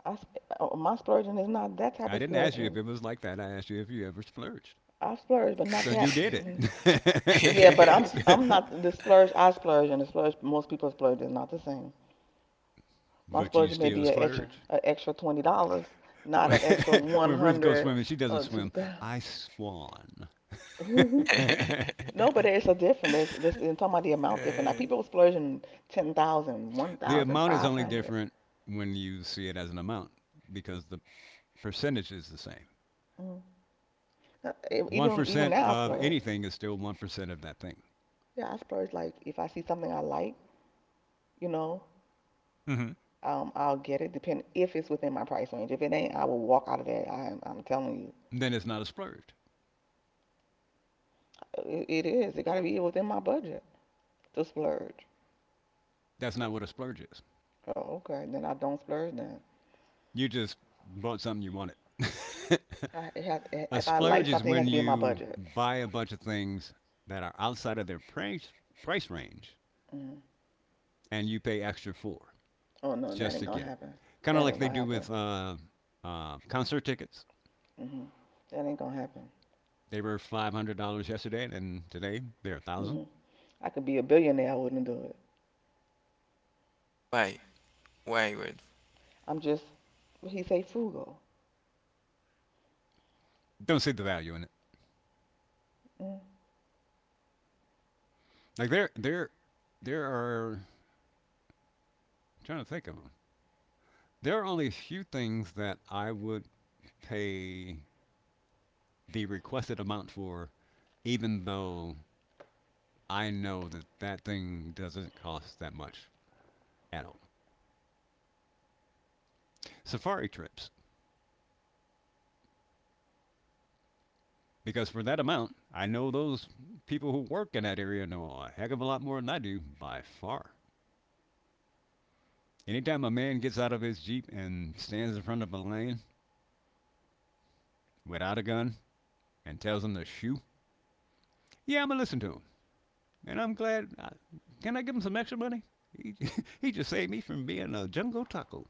S2: My splurging is not that type
S3: I
S2: of
S3: didn't ask you if
S2: splurging.
S3: it was like that. I asked you if you ever splurged.
S2: I splurge, but not
S3: So you
S2: that.
S3: did
S2: Mm.
S3: it.
S2: Yeah, but I'm not the splurge. I splurge, and the splurge most people splurge is not the same. My
S3: But you
S2: splurge may
S3: still
S2: be an extra
S3: splurge.
S2: an extra $20, not an extra one
S3: When Ruth goes
S2: hundred
S3: swimming, she doesn't
S2: or two
S3: swim.
S2: thousand.
S3: I swan. The
S2: No, but it's a difference. I'm talking about the amount different. Like
S1: Uh,
S2: people splurging 10,000, one thousand
S3: amount is
S2: five
S3: only
S2: hundred.
S3: different when you see it as an amount because the percentage is the same.
S2: Mm. Even
S3: 1%
S2: now I
S3: of
S2: splurge.
S3: anything is still 1% of that thing.
S2: Yeah, I splurge like if I see something I like, you know,
S3: hmm
S2: I'll get it. Depend if it's within my price range. If it ain't, I will walk out of there. I'm telling you.
S3: Then it's not a splurge.
S2: It is. It got to be within my budget to splurge.
S3: That's not what a splurge is.
S2: Oh, okay. Then I don't splurge then.
S3: You just bought something you wanted. A
S2: If I like
S3: splurge is
S2: something, it has
S3: when
S2: to be in my
S3: you
S2: budget.
S3: buy a bunch of things that are outside of their price range,
S2: Mm.
S3: and you pay extra for
S2: Oh, no, that
S3: just
S2: ain't
S3: to
S2: going to
S3: get it.
S2: happen.
S3: Kind of
S2: That
S3: like
S2: ain't
S3: they
S2: going to
S3: do
S2: happen.
S3: with concert tickets.
S2: Hmm. That ain't going to happen.
S3: They were $500 yesterday, and today they're 1,000.
S2: Hmm. I could be a billionaire. I wouldn't do it.
S1: why? Why would?
S2: I'm just, what he say, frugal.
S3: Don't see the value in it.
S2: Mm-hmm.
S3: Like there are. I'm trying to think of them. There are only a few things that I would pay the requested amount for, even though I know that that thing doesn't cost that much at all. Safari trips, because for that amount, I know those people who work in that area know a heck of a lot more than I do by far. Anytime a man gets out of his jeep and stands in front of a lane without a gun and tells him to shoot, yeah, I'ma listen to him, and I'm glad. Can I give him some extra money? He he just saved me from being a jungle taco.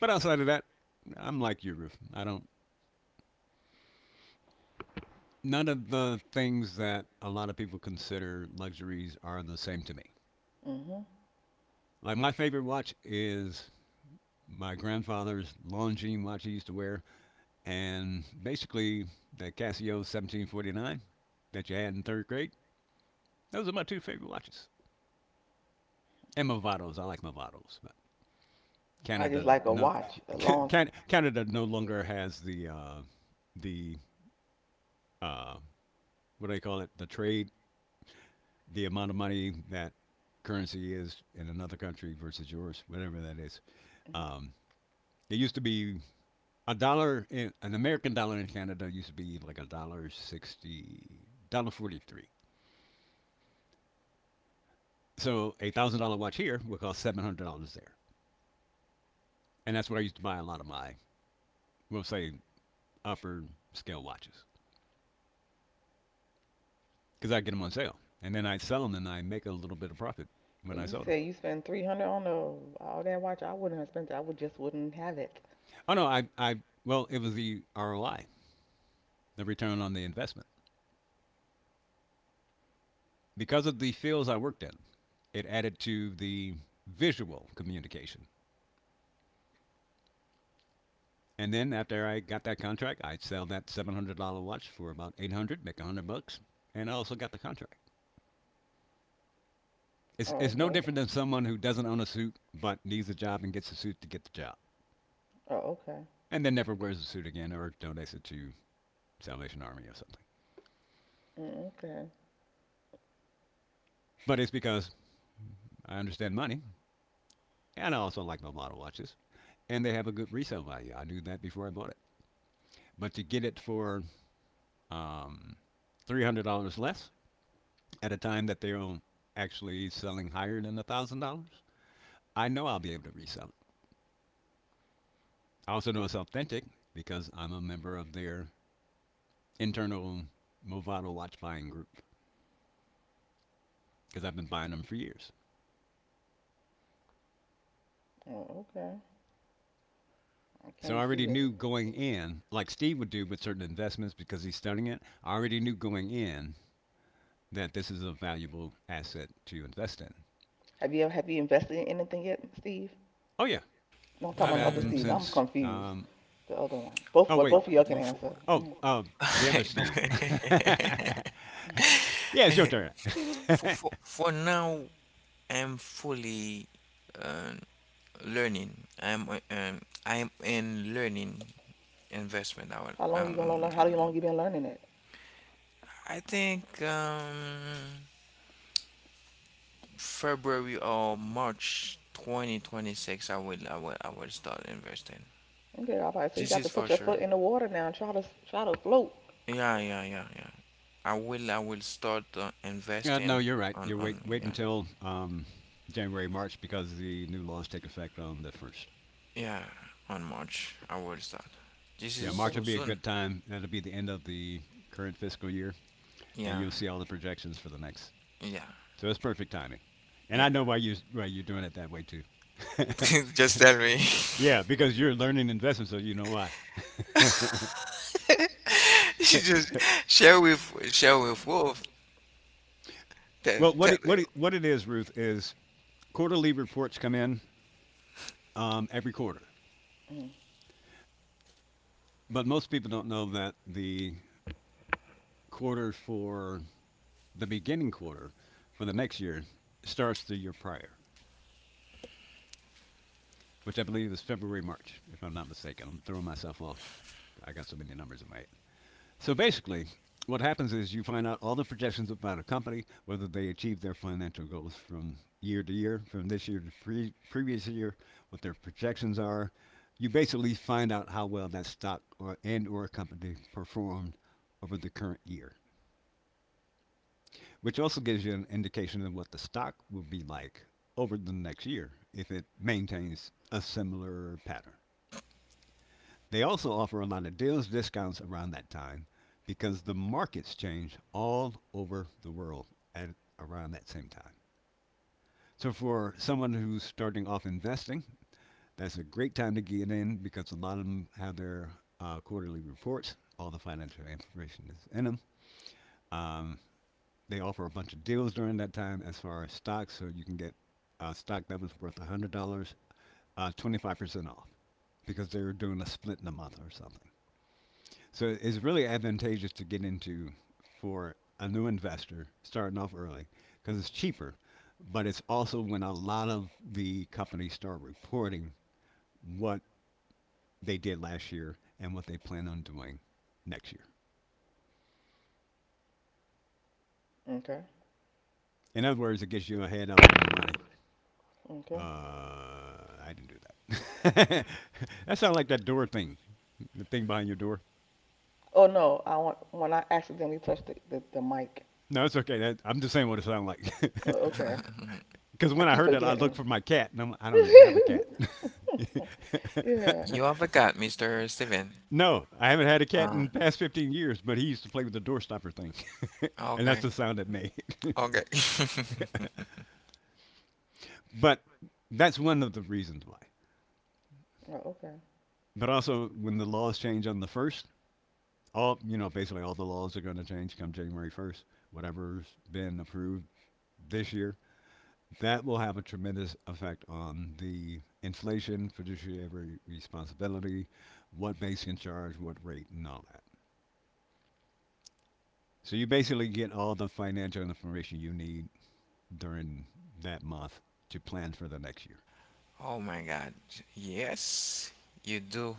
S3: But outside of that, I'm like you, Ruth. I don't, none of the things that a lot of people consider luxuries are the same to me.
S2: Mm-hmm.
S3: Like my favorite watch is my grandfather's Longines watch he used to wear, and basically the Casio 1749 that you had in third grade. Those are my two favorite watches. And Movados, I like Movados, but
S2: I just
S3: Canada
S2: like a
S3: no.
S2: watch, a long.
S3: Canada no longer has the uh, what do they call it? The amount of money that currency is in another country versus yours, whatever that is. Um, it used to be a dollar in an American dollar in Canada used to be like a dollar sixty, dollar forty three. So $1,000 watch here would cost $700 there, and that's what I used to buy a lot of my, we'll say, upper scale watches because I get them on sale, and then I sell them and I make a little bit of profit when I
S2: You
S3: sold them.
S2: say you spend 300 on all that watch. I wouldn't have spent it. I would just wouldn't have it.
S3: Oh no, I well, it was the ROI, the return on the investment, because of the fields I worked in. It added to the visual communication. And then after I got that contract, I'd sell that $700 watch for about 800, make 100 bucks, and I also got the contract. It's,
S2: Oh,
S3: it's no
S2: okay.
S3: different than someone who doesn't own a suit but needs a job and gets a suit to get the job,
S2: Oh, okay.
S3: and then never wears a suit again or donates it to Salvation Army or something.
S2: Mm, okay.
S3: But it's because I understand money, and I also like my model watches, and they have a good resale value. I knew that before I bought it. But to get it for um, $300 less, at a time that they're actually selling higher than $1,000, I know I'll be able to resell it. I also know it's authentic because I'm a member of their internal Movado watch buying group because I've been buying them for years.
S2: Oh, okay. I
S3: So I
S2: can't
S3: already
S2: see her.
S3: knew going in, like Steve would do with certain investments because he's studying it, I already knew going in that this is a valuable asset to invest in.
S2: Have you invested in anything yet, Steve?
S3: Oh, yeah.
S2: No, I'm
S3: I've
S2: talking about
S3: had
S2: the other
S3: them
S1: Mm,
S2: Steve. I'm
S3: since,
S2: confused. The other one.
S3: oh, wait,
S2: Both of y'all can
S1: for,
S2: answer.
S3: Oh,
S2: Mm.
S3: the
S1: I
S3: other Steve.
S1: know.
S3: Yeah, it's your turn. uh,
S1: For now, I'm fully um, learning. I'm in learning investment.
S2: How long you gonna learn? How long you been learning it?
S1: I think February or March 2026. I will start investing.
S2: Okay, all right. So you
S1: This
S2: got
S1: is
S2: to put
S1: for
S2: your
S1: sure.
S2: foot in the water now and try to float.
S1: Yeah, yeah, yeah, yeah. I will start
S3: no,
S1: investing
S3: you're right. You wait,
S1: on,
S3: wait
S1: yeah,
S3: until January, March, because the new laws take effect on the first.
S1: yeah, on March. I will start. This
S3: Yeah,
S1: is
S3: March
S2: Okay.
S3: will
S1: so
S3: be a
S1: soon.
S3: good time. That'll be the end of the current fiscal year, and
S1: Yeah,
S3: you'll see all the projections for the next.
S1: yeah,
S3: So it's perfect timing. And
S1: yeah.
S3: I know why you're doing it that way too.
S1: Just tell me.
S3: yeah, because you're learning investment, so you know why.
S1: She Just share with Wolf. Tell,
S3: well,
S1: tell
S3: what it is, Ruth, is quarterly reports come in every quarter,
S2: Mm.
S3: but most people don't know that quarter for the beginning quarter for the next year starts the year prior, which I believe is February, March, if I'm not mistaken. I'm throwing myself off. I got so many numbers in my head. So basically, what happens is you find out all the projections about a company, whether they achieve their financial goals from year to year, from this year to previous year, what their projections are. You basically find out how well that stock or and or company performed over the current year, which also gives you an indication of what the stock will be like over the next year if it maintains a similar pattern. They also offer a lot of deals, discounts around that time because the markets change all over the world at around that same time. So for someone who's starting off investing, that's a great time to get in because a lot of them have their quarterly reports. All the financial information is in them. Um, they offer a bunch of deals during that time as far as stocks, so you can get a stock that was worth $100, 25% off because they're doing a split in a month or something. So it's really advantageous to get into for a new investor starting off early because it's cheaper, but it's also when a lot of the companies start reporting what they did last year and what they plan on doing next year.
S2: Okay.
S3: In other words, it gets you a head up on your money.
S2: Okay.
S3: Uh, I didn't do that. that sounded like that door thing, the thing behind your door.
S2: Oh no, I want when I accidentally touched the mic.
S3: No, it's okay. That, I'm just saying what it sounded
S2: Oh,
S3: like.
S2: okay.
S1: him.
S3: Because
S2: I
S3: when I
S2: keep
S3: heard that, I looked
S2: forgetting.
S3: for my cat, and I'm like, I don't even have a cat.
S2: Yeah.
S1: You have a cat, Mr. Steven.
S3: no, I haven't had a cat
S1: Um,
S3: in the past 15 years, but he used to play with the door stopper thing, and that's
S1: okay,
S3: the sound it made.
S1: okay.
S3: but that's one of the reasons why.
S2: Oh, okay.
S3: But also, when the laws change on the first, all you know, basically all the laws are going to change come January 1st. Whatever's been approved this year that will have a tremendous effect on the inflation, fiduciary responsibility, what banks can charge, what rate, and all that. So you basically get all the financial information you need during that month to plan for the next year.
S1: Oh my God. Yes, you do.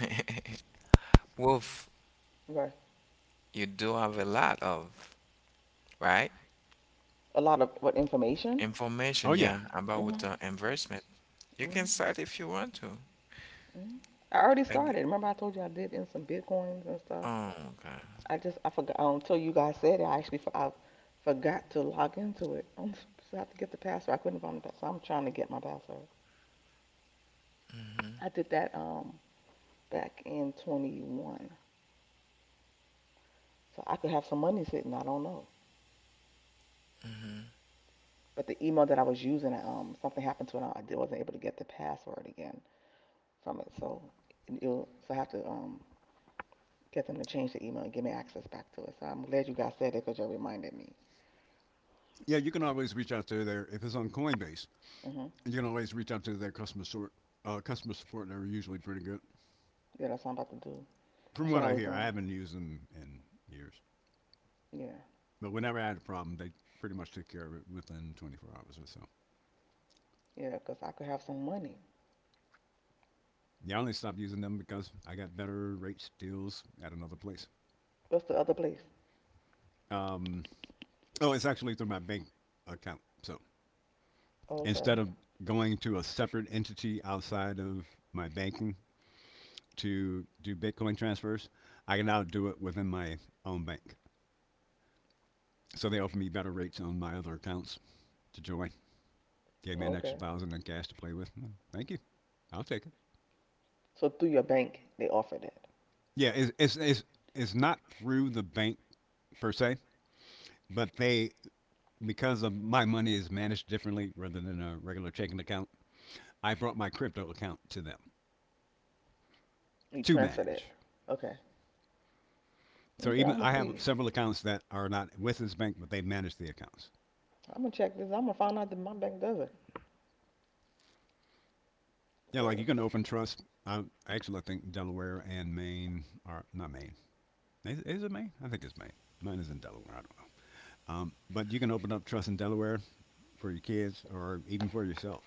S1: Wolf,
S2: Right.
S1: you do have a lot of, right?
S2: A lot of what information?
S3: Oh
S1: Information,
S3: yeah,
S1: yeah, about
S2: Mhm.
S1: the investment. You can
S2: Mhm.
S1: start if you want to.
S2: Mhm. I already
S1: Ag-
S2: started. Remember, I told you I did in some bitcoins and stuff.
S1: Oh, okay.
S2: I forgot, oh, until you guys said it. I actually I forgot to log into it. So I have to get the password. I couldn't find the password. So I'm trying to get my password.
S1: Mm-hmm,
S2: I did that back in 21, so I could have some money sitting. I don't know.
S1: mm-hmm.
S2: But the email that I was using, something happened to it. And I wasn't able to get the password again from it. So I have to get them to change the email and give me access back to it. So I'm glad you guys said it because you reminded me.
S3: yeah. You can always reach out to their if it's on Coinbase.
S2: Hmm.
S3: You can always reach out to their customer support. Customer support, they're usually pretty good.
S2: Yeah, that's what I'm about to do.
S3: From
S2: That's
S3: what
S2: what I
S3: I
S2: was
S3: hear, I
S2: doing.
S3: haven't used them in years.
S2: Yeah,
S3: But whenever I had a problem, they pretty much took care of it within 24 hours or so.
S2: yeah, 'cause I could have some money.
S3: Yeah, I only stopped using them because I got better rates deals at another place.
S2: What's the other place?
S3: Um, oh, it's actually through my bank account. So
S2: Oh, okay.
S3: instead of going to a separate entity outside of my banking to do Bitcoin transfers, I can now do it within my own bank. So they offered me better rates on my other accounts to join. Gave me
S2: Oh,
S3: an
S2: okay.
S3: extra thousand in cash to play with. Thank you. I'll take it.
S2: So through your bank, they offer that.
S3: Yeah, it's not through the bank per se, but they because of my money is managed differently rather than a regular checking account. I brought my crypto account to them
S2: You
S3: to
S2: transfer that.
S3: manage.
S2: Okay.
S3: So
S2: Okay, I'm
S3: even
S2: gonna
S3: I have
S2: see.
S3: several accounts that are not with this bank, but they manage the accounts.
S2: I'm gonna check this. I'm gonna find out that my bank does it.
S3: Yeah, like
S2: 'Cause-
S3: you can open trust. I actually I think Delaware and Maine are not Maine. Is it Maine? I think it's Maine. Mine is in Delaware. I don't know. But you can open up trust in Delaware for your kids or even for yourself,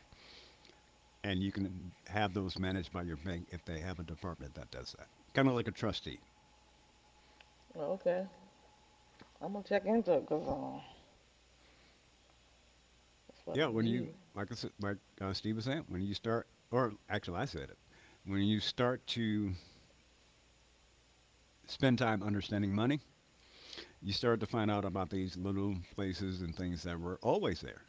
S3: and you can have those managed by your bank if they have a department that does that. Kind of like a trustee.
S2: well, okay. I'm gonna check into it. Cause that's what I
S3: Yeah, when you
S2: need.
S3: like I said, like Steve was saying, when you start, or actually I said it, when you start to spend time understanding money, you start to find out about these little places and things that were always there.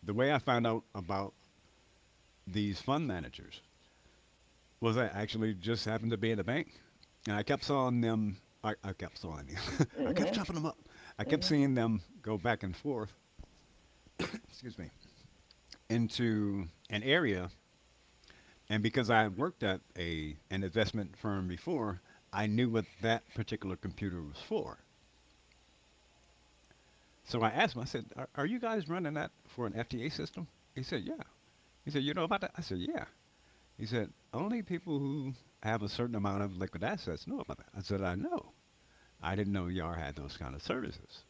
S3: The way I found out about these fund managers was I actually just happened to be in a bank, and I kept seeing them. I kept seeing them. I kept
S2: Mhm.
S3: chopping them up. I kept
S2: Mhm.
S3: seeing them go back and forth. Excuse me into an area. And because I had worked at a an investment firm before, I knew what that particular computer was for. So I asked him, I said, are you guys running that for an FTA system? He said, yeah. He said, you know about that? I said, yeah. He said, only people who have a certain amount of liquid assets know about that. I said, I know. I didn't know YAR had those kind of services.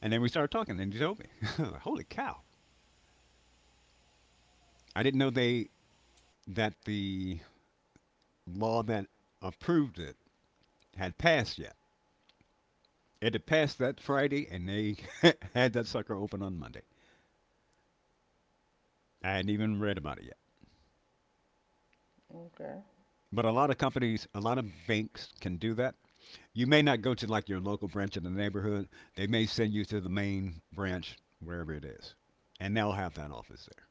S3: And then we started talking, and he told me, holy cow. I didn't know they that the law that approved it had passed yet. It had passed that Friday, and they had that sucker open on Monday. I hadn't even read about it yet.
S2: Okay.
S3: But a lot of companies, a lot of banks can do that. You may not go to like your local branch in the neighborhood. They may send you to the main branch, wherever it is, and they'll have that office there.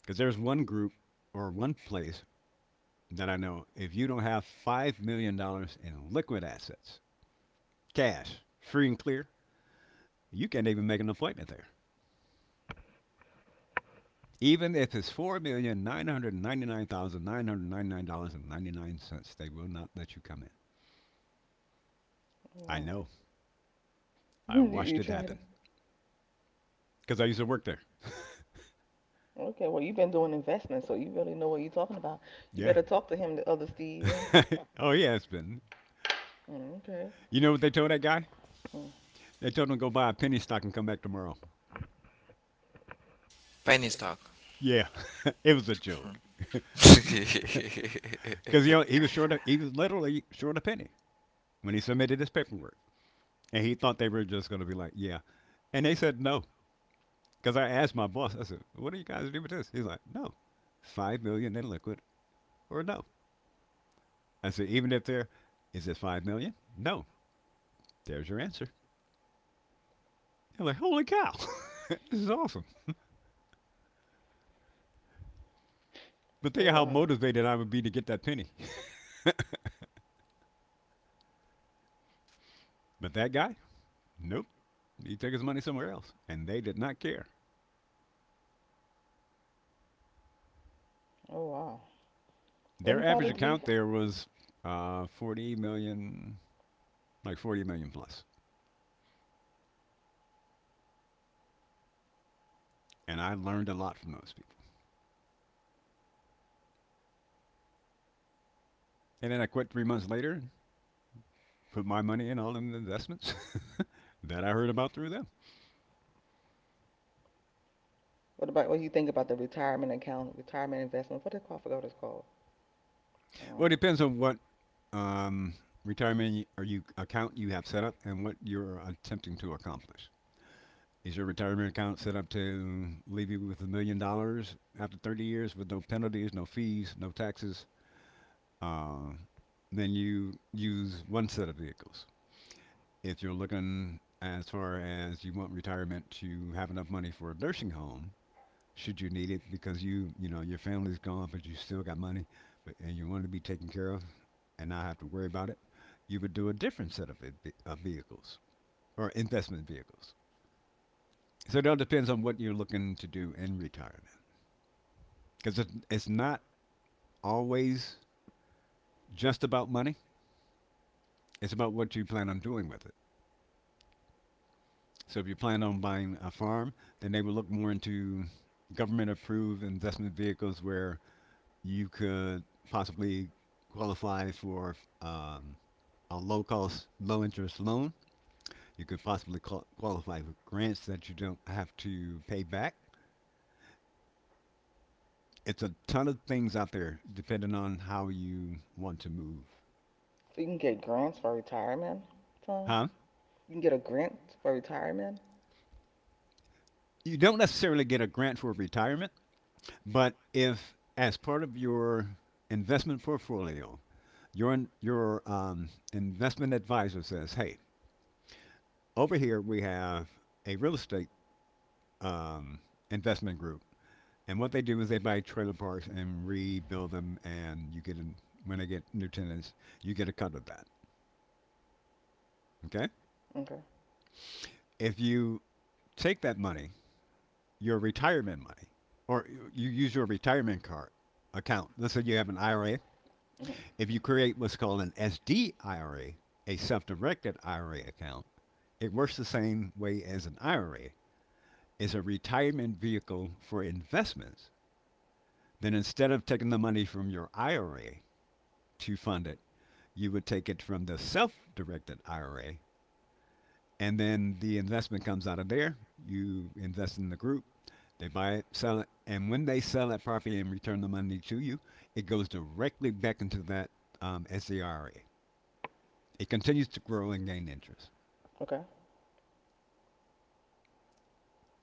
S3: Because there's one group or one place that I know. If you don't have $5 million in liquid assets, cash, free and clear, you can't even make an appointment there. Even if it's $4,999,999 and 99 cents, they will not let you come in. I
S2: Wow.
S3: know. I
S2: you
S3: watched
S2: you
S3: it
S2: tried it.
S3: happen because I used to work there.
S2: Okay. Well, you've been doing investments, so you really know what you're talking about. You
S3: yeah.
S2: better talk to him, the other Steven.
S3: oh yeah, it's been.
S2: Mm, okay.
S3: You know what they told that guy?
S2: Mm.
S3: They told him to go buy a penny stock and come back tomorrow.
S1: Penny stock.
S3: Yeah, it was a joke. Because you know, he was short. He was literally short a penny when he submitted his paperwork, and he thought they were just going to be like, "Yeah," and they said no. Because I asked my boss, I said, "What do you guys do with this?" He's like, "No, $5 million in liquid or no." I said, "Even if there is it 5 million? Dollars? No." There's your answer. They're like, "Holy cow, this is awesome!" But think
S2: Oh
S3: of how
S2: wow.
S3: motivated I would be to get that penny. but that guy, nope, he took his money somewhere else, and they did not care.
S2: Oh wow. Well,
S3: Their
S2: he
S3: average
S2: probably did.
S3: account there was 40 million, like 40 million plus, plus. And I learned a lot from those people. And then I quit 3 months later, put my money in all them investments that I heard about through them.
S2: What do you think about the retirement account, retirement investment? What do I forgot what it's called?
S3: Well, it
S2: Um,
S3: depends on what um, retirement or you account you have set up and what you're attempting to accomplish. Is your retirement account set up to leave you with a million dollars after 30 years with no penalties, no fees, no taxes? Uh, then you use one set of vehicles. If you're looking as far as you want retirement to have enough money for a nursing home, should you need it because you know your family's gone but you still got money but, and you want to be taken care of and not have to worry about it, you would do a different set of, of vehicles or investment vehicles, so it all depends on what you're looking to do in retirement, because it's not always just about money. It's about what you plan on doing with it. So if you plan on buying a farm, then they will look more into government approved investment vehicles where you could possibly qualify for um, a low cost, low interest loan. You could possibly qualify for grants that you don't have to pay back. It's a ton of things out there depending on how you want to move.
S2: so you can get grants for retirement. So
S3: Huh?
S2: you can get a grant for retirement.
S3: You don't necessarily get a grant for retirement, but if, as part of your investment portfolio, your, in- your investment advisor says, hey, over here we have a real estate um, investment group. And what they do is they buy trailer parks and rebuild them, and when they get new tenants, you get a cut of that. Okay.
S2: Okay.
S3: If you take that money, your retirement money, or you use your retirement card account. Let's say you have an IRA.
S2: Hmm.
S3: If you create what's called an SD a self-directed IRA account, it works the same way as an IRA. It's a retirement vehicle for investments. Then instead of taking the money from your IRA to fund it, you would take it from the self-directed IRA, and then the investment comes out of there. You invest in the group, they buy it, sell it, and when they sell that property and return the money to you, it goes directly back into that SCRA. It continues to grow and gain interest.
S2: Okay.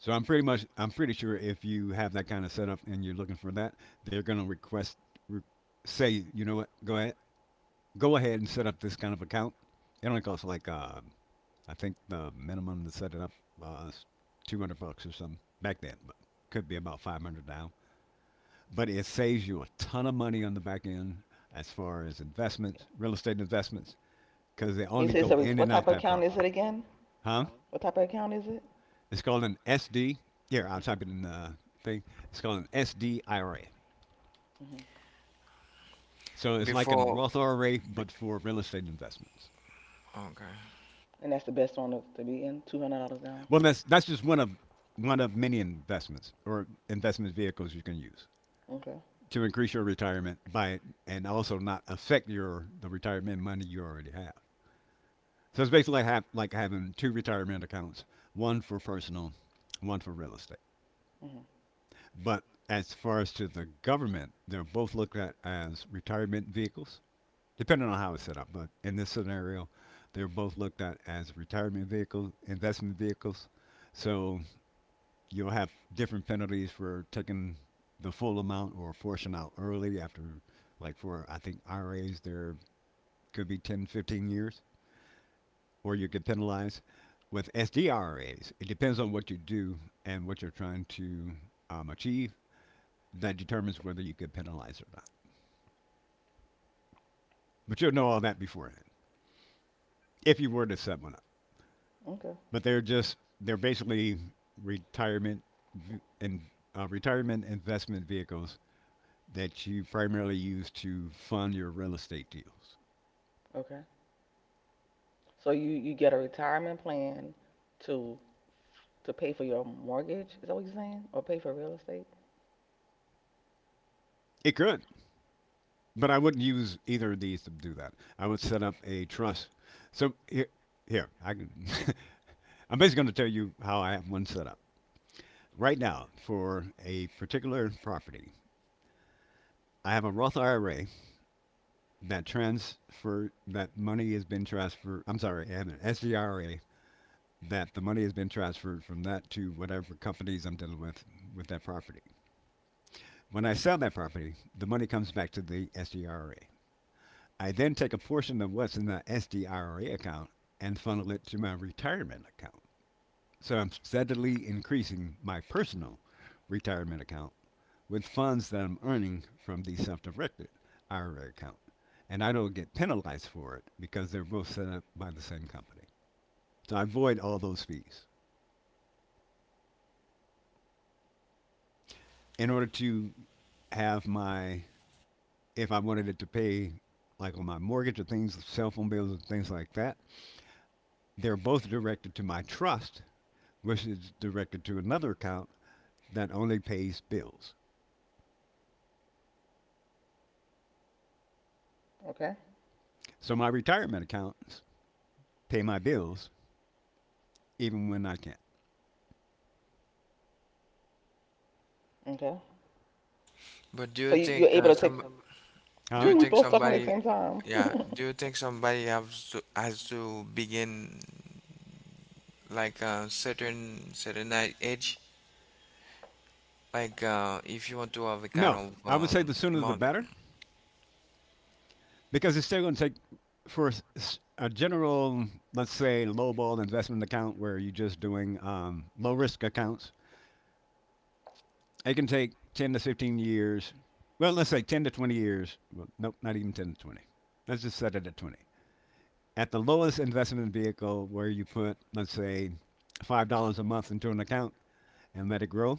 S3: So I'm pretty sure if you have that kind of setup and you're looking for that, they're going to request re- say, you know what, go ahead, go ahead and set up this kind of account. It only costs like I think the minimum to set it up was 200 bucks or something back then, but could be about 500 now. But it saves you a ton of money on the back end as far as investments, real estate investments, because they
S2: And you
S3: only
S2: say
S3: go
S2: so.
S3: in
S2: What
S3: and out
S2: type of
S3: that
S2: account is
S3: property.
S2: it again?
S3: Huh?
S2: What type of account is it?
S3: It's called an SD. Here, I'll type it in the thing. It's called an SDIRA.
S2: Hmm.
S3: So it's like a
S1: Before,
S3: Roth IRA, but
S1: be-
S3: for real estate investments.
S1: okay.
S2: And that's the best one to be in. $200 down.
S3: Well, that's just one of many investments or investment vehicles you can use
S2: Okay.
S3: to increase your retirement by, and also not affect your the retirement money you already have. So it's basically like, like having two retirement accounts, one for personal, one for real estate.
S2: Hmm.
S3: But as far as to the government, they're both looked at as retirement vehicles, depending on how it's set up. But in this scenario, they're both looked at as retirement vehicles, investment vehicles. So you'll have different penalties for taking the full amount or a portion out early. After, like, for I think IRAs there could be 10 15 years, or you could penalize. With SDRAs, it depends on what you do and what you're trying to achieve that determines whether you could penalize or not. But you'll know all that beforehand if you were to set one up.
S2: Okay.
S3: But they're basically retirement and retirement investment vehicles that you primarily use to fund your real estate deals.
S2: Okay. So you get a retirement plan to to pay for your mortgage. Is that what you're saying? Or pay for real estate?
S3: It could, but I wouldn't use either of these to do that. I would set up a trust. So here, here I can, I'm basically going to tell you how I have one set up right now for a particular property. I have a Roth IRA that transfer that money has been transferred. I'm sorry, I have an SDRA that the money has been transferred from that to whatever companies I'm dealing with that property. When I sell that property, the money comes back to the SDRA. IRA. I then take a portion of what's in the SDIRA account and funnel it to my retirement account. So I'm steadily increasing my personal retirement account with funds that I'm earning from the self directed IRA account. And I don't get penalized for it because they're both set up by the same company. So I avoid all those fees. In order to have my, if I wanted it to pay like on my mortgage or things, cell phone bills and things like that. They're both directed to my trust, which is directed to another account that only pays bills.
S2: Okay.
S3: So my retirement accounts pay my bills even when I can't.
S2: Okay.
S1: But do
S2: So
S1: you
S2: you're
S1: think
S2: able to take.
S1: some? Do
S3: Huh?
S1: you
S2: We
S1: think
S2: both talking at the
S1: somebody?
S2: same time.
S1: Yeah. Do you think somebody has to begin like a certain age? Like if you want to have a kind
S3: No,
S1: of
S3: I would say the sooner the
S1: amount.
S3: better because it's still going to take for a general, let's say, lowball investment account where you're just doing low risk accounts, it can take 10 to 15 years. Well, let's say 10 to 20 years. Well, nope, not even 10 to 20. Let's just set it at 20. At the lowest investment vehicle, where you put, let's say, $5 a month into an account and let it grow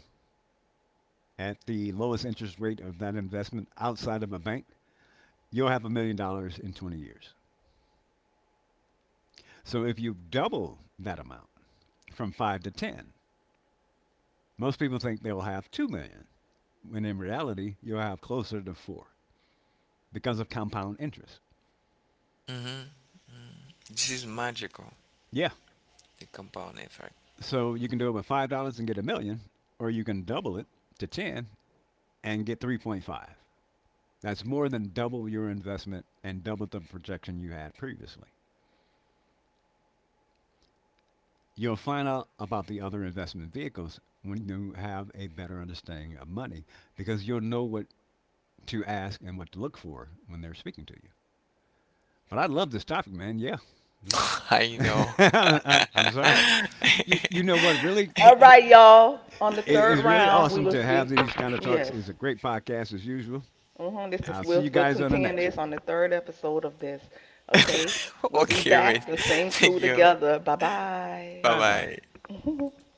S3: at the lowest interest rate of that investment outside of a bank, you'll have $1 million in 20 years. So if you double that amount from 5 to 10, most people think they'll have 2 million, when in reality, you'll have closer to 4 because of compound interest.
S1: Mm-hmm. Mm-hmm. This is magical.
S3: Yeah.
S1: The compound effect.
S3: So you can do it with $5 and get a million, or you can double it to ten and get 3.5. That's more than double your investment and double the projection you had previously. You'll find out about the other investment vehicles when you have a better understanding of money because you'll know what to ask and what to look for when they're speaking to you. But I love this topic, man. Yeah.
S1: I know.
S3: I am sorry. You, you know what really
S2: All right, y'all. On the third
S3: is really
S2: round, we
S3: awesome
S2: will
S3: to have
S2: speak.
S3: these kind of talks.
S2: Yes.
S3: Is a great podcast as usual.
S2: Hmm.
S3: I'll see
S2: We'll
S3: you
S2: we'll
S3: guys on the
S2: continue
S3: next
S2: this
S3: one.
S2: on the third episode of this. Okay. We'll be
S1: Okay,
S2: back,
S1: wait.
S2: the same
S1: Thank
S2: crew
S1: you.
S2: together. Bye
S1: Bye
S3: Bye
S2: bye.
S3: bye.
S1: bye.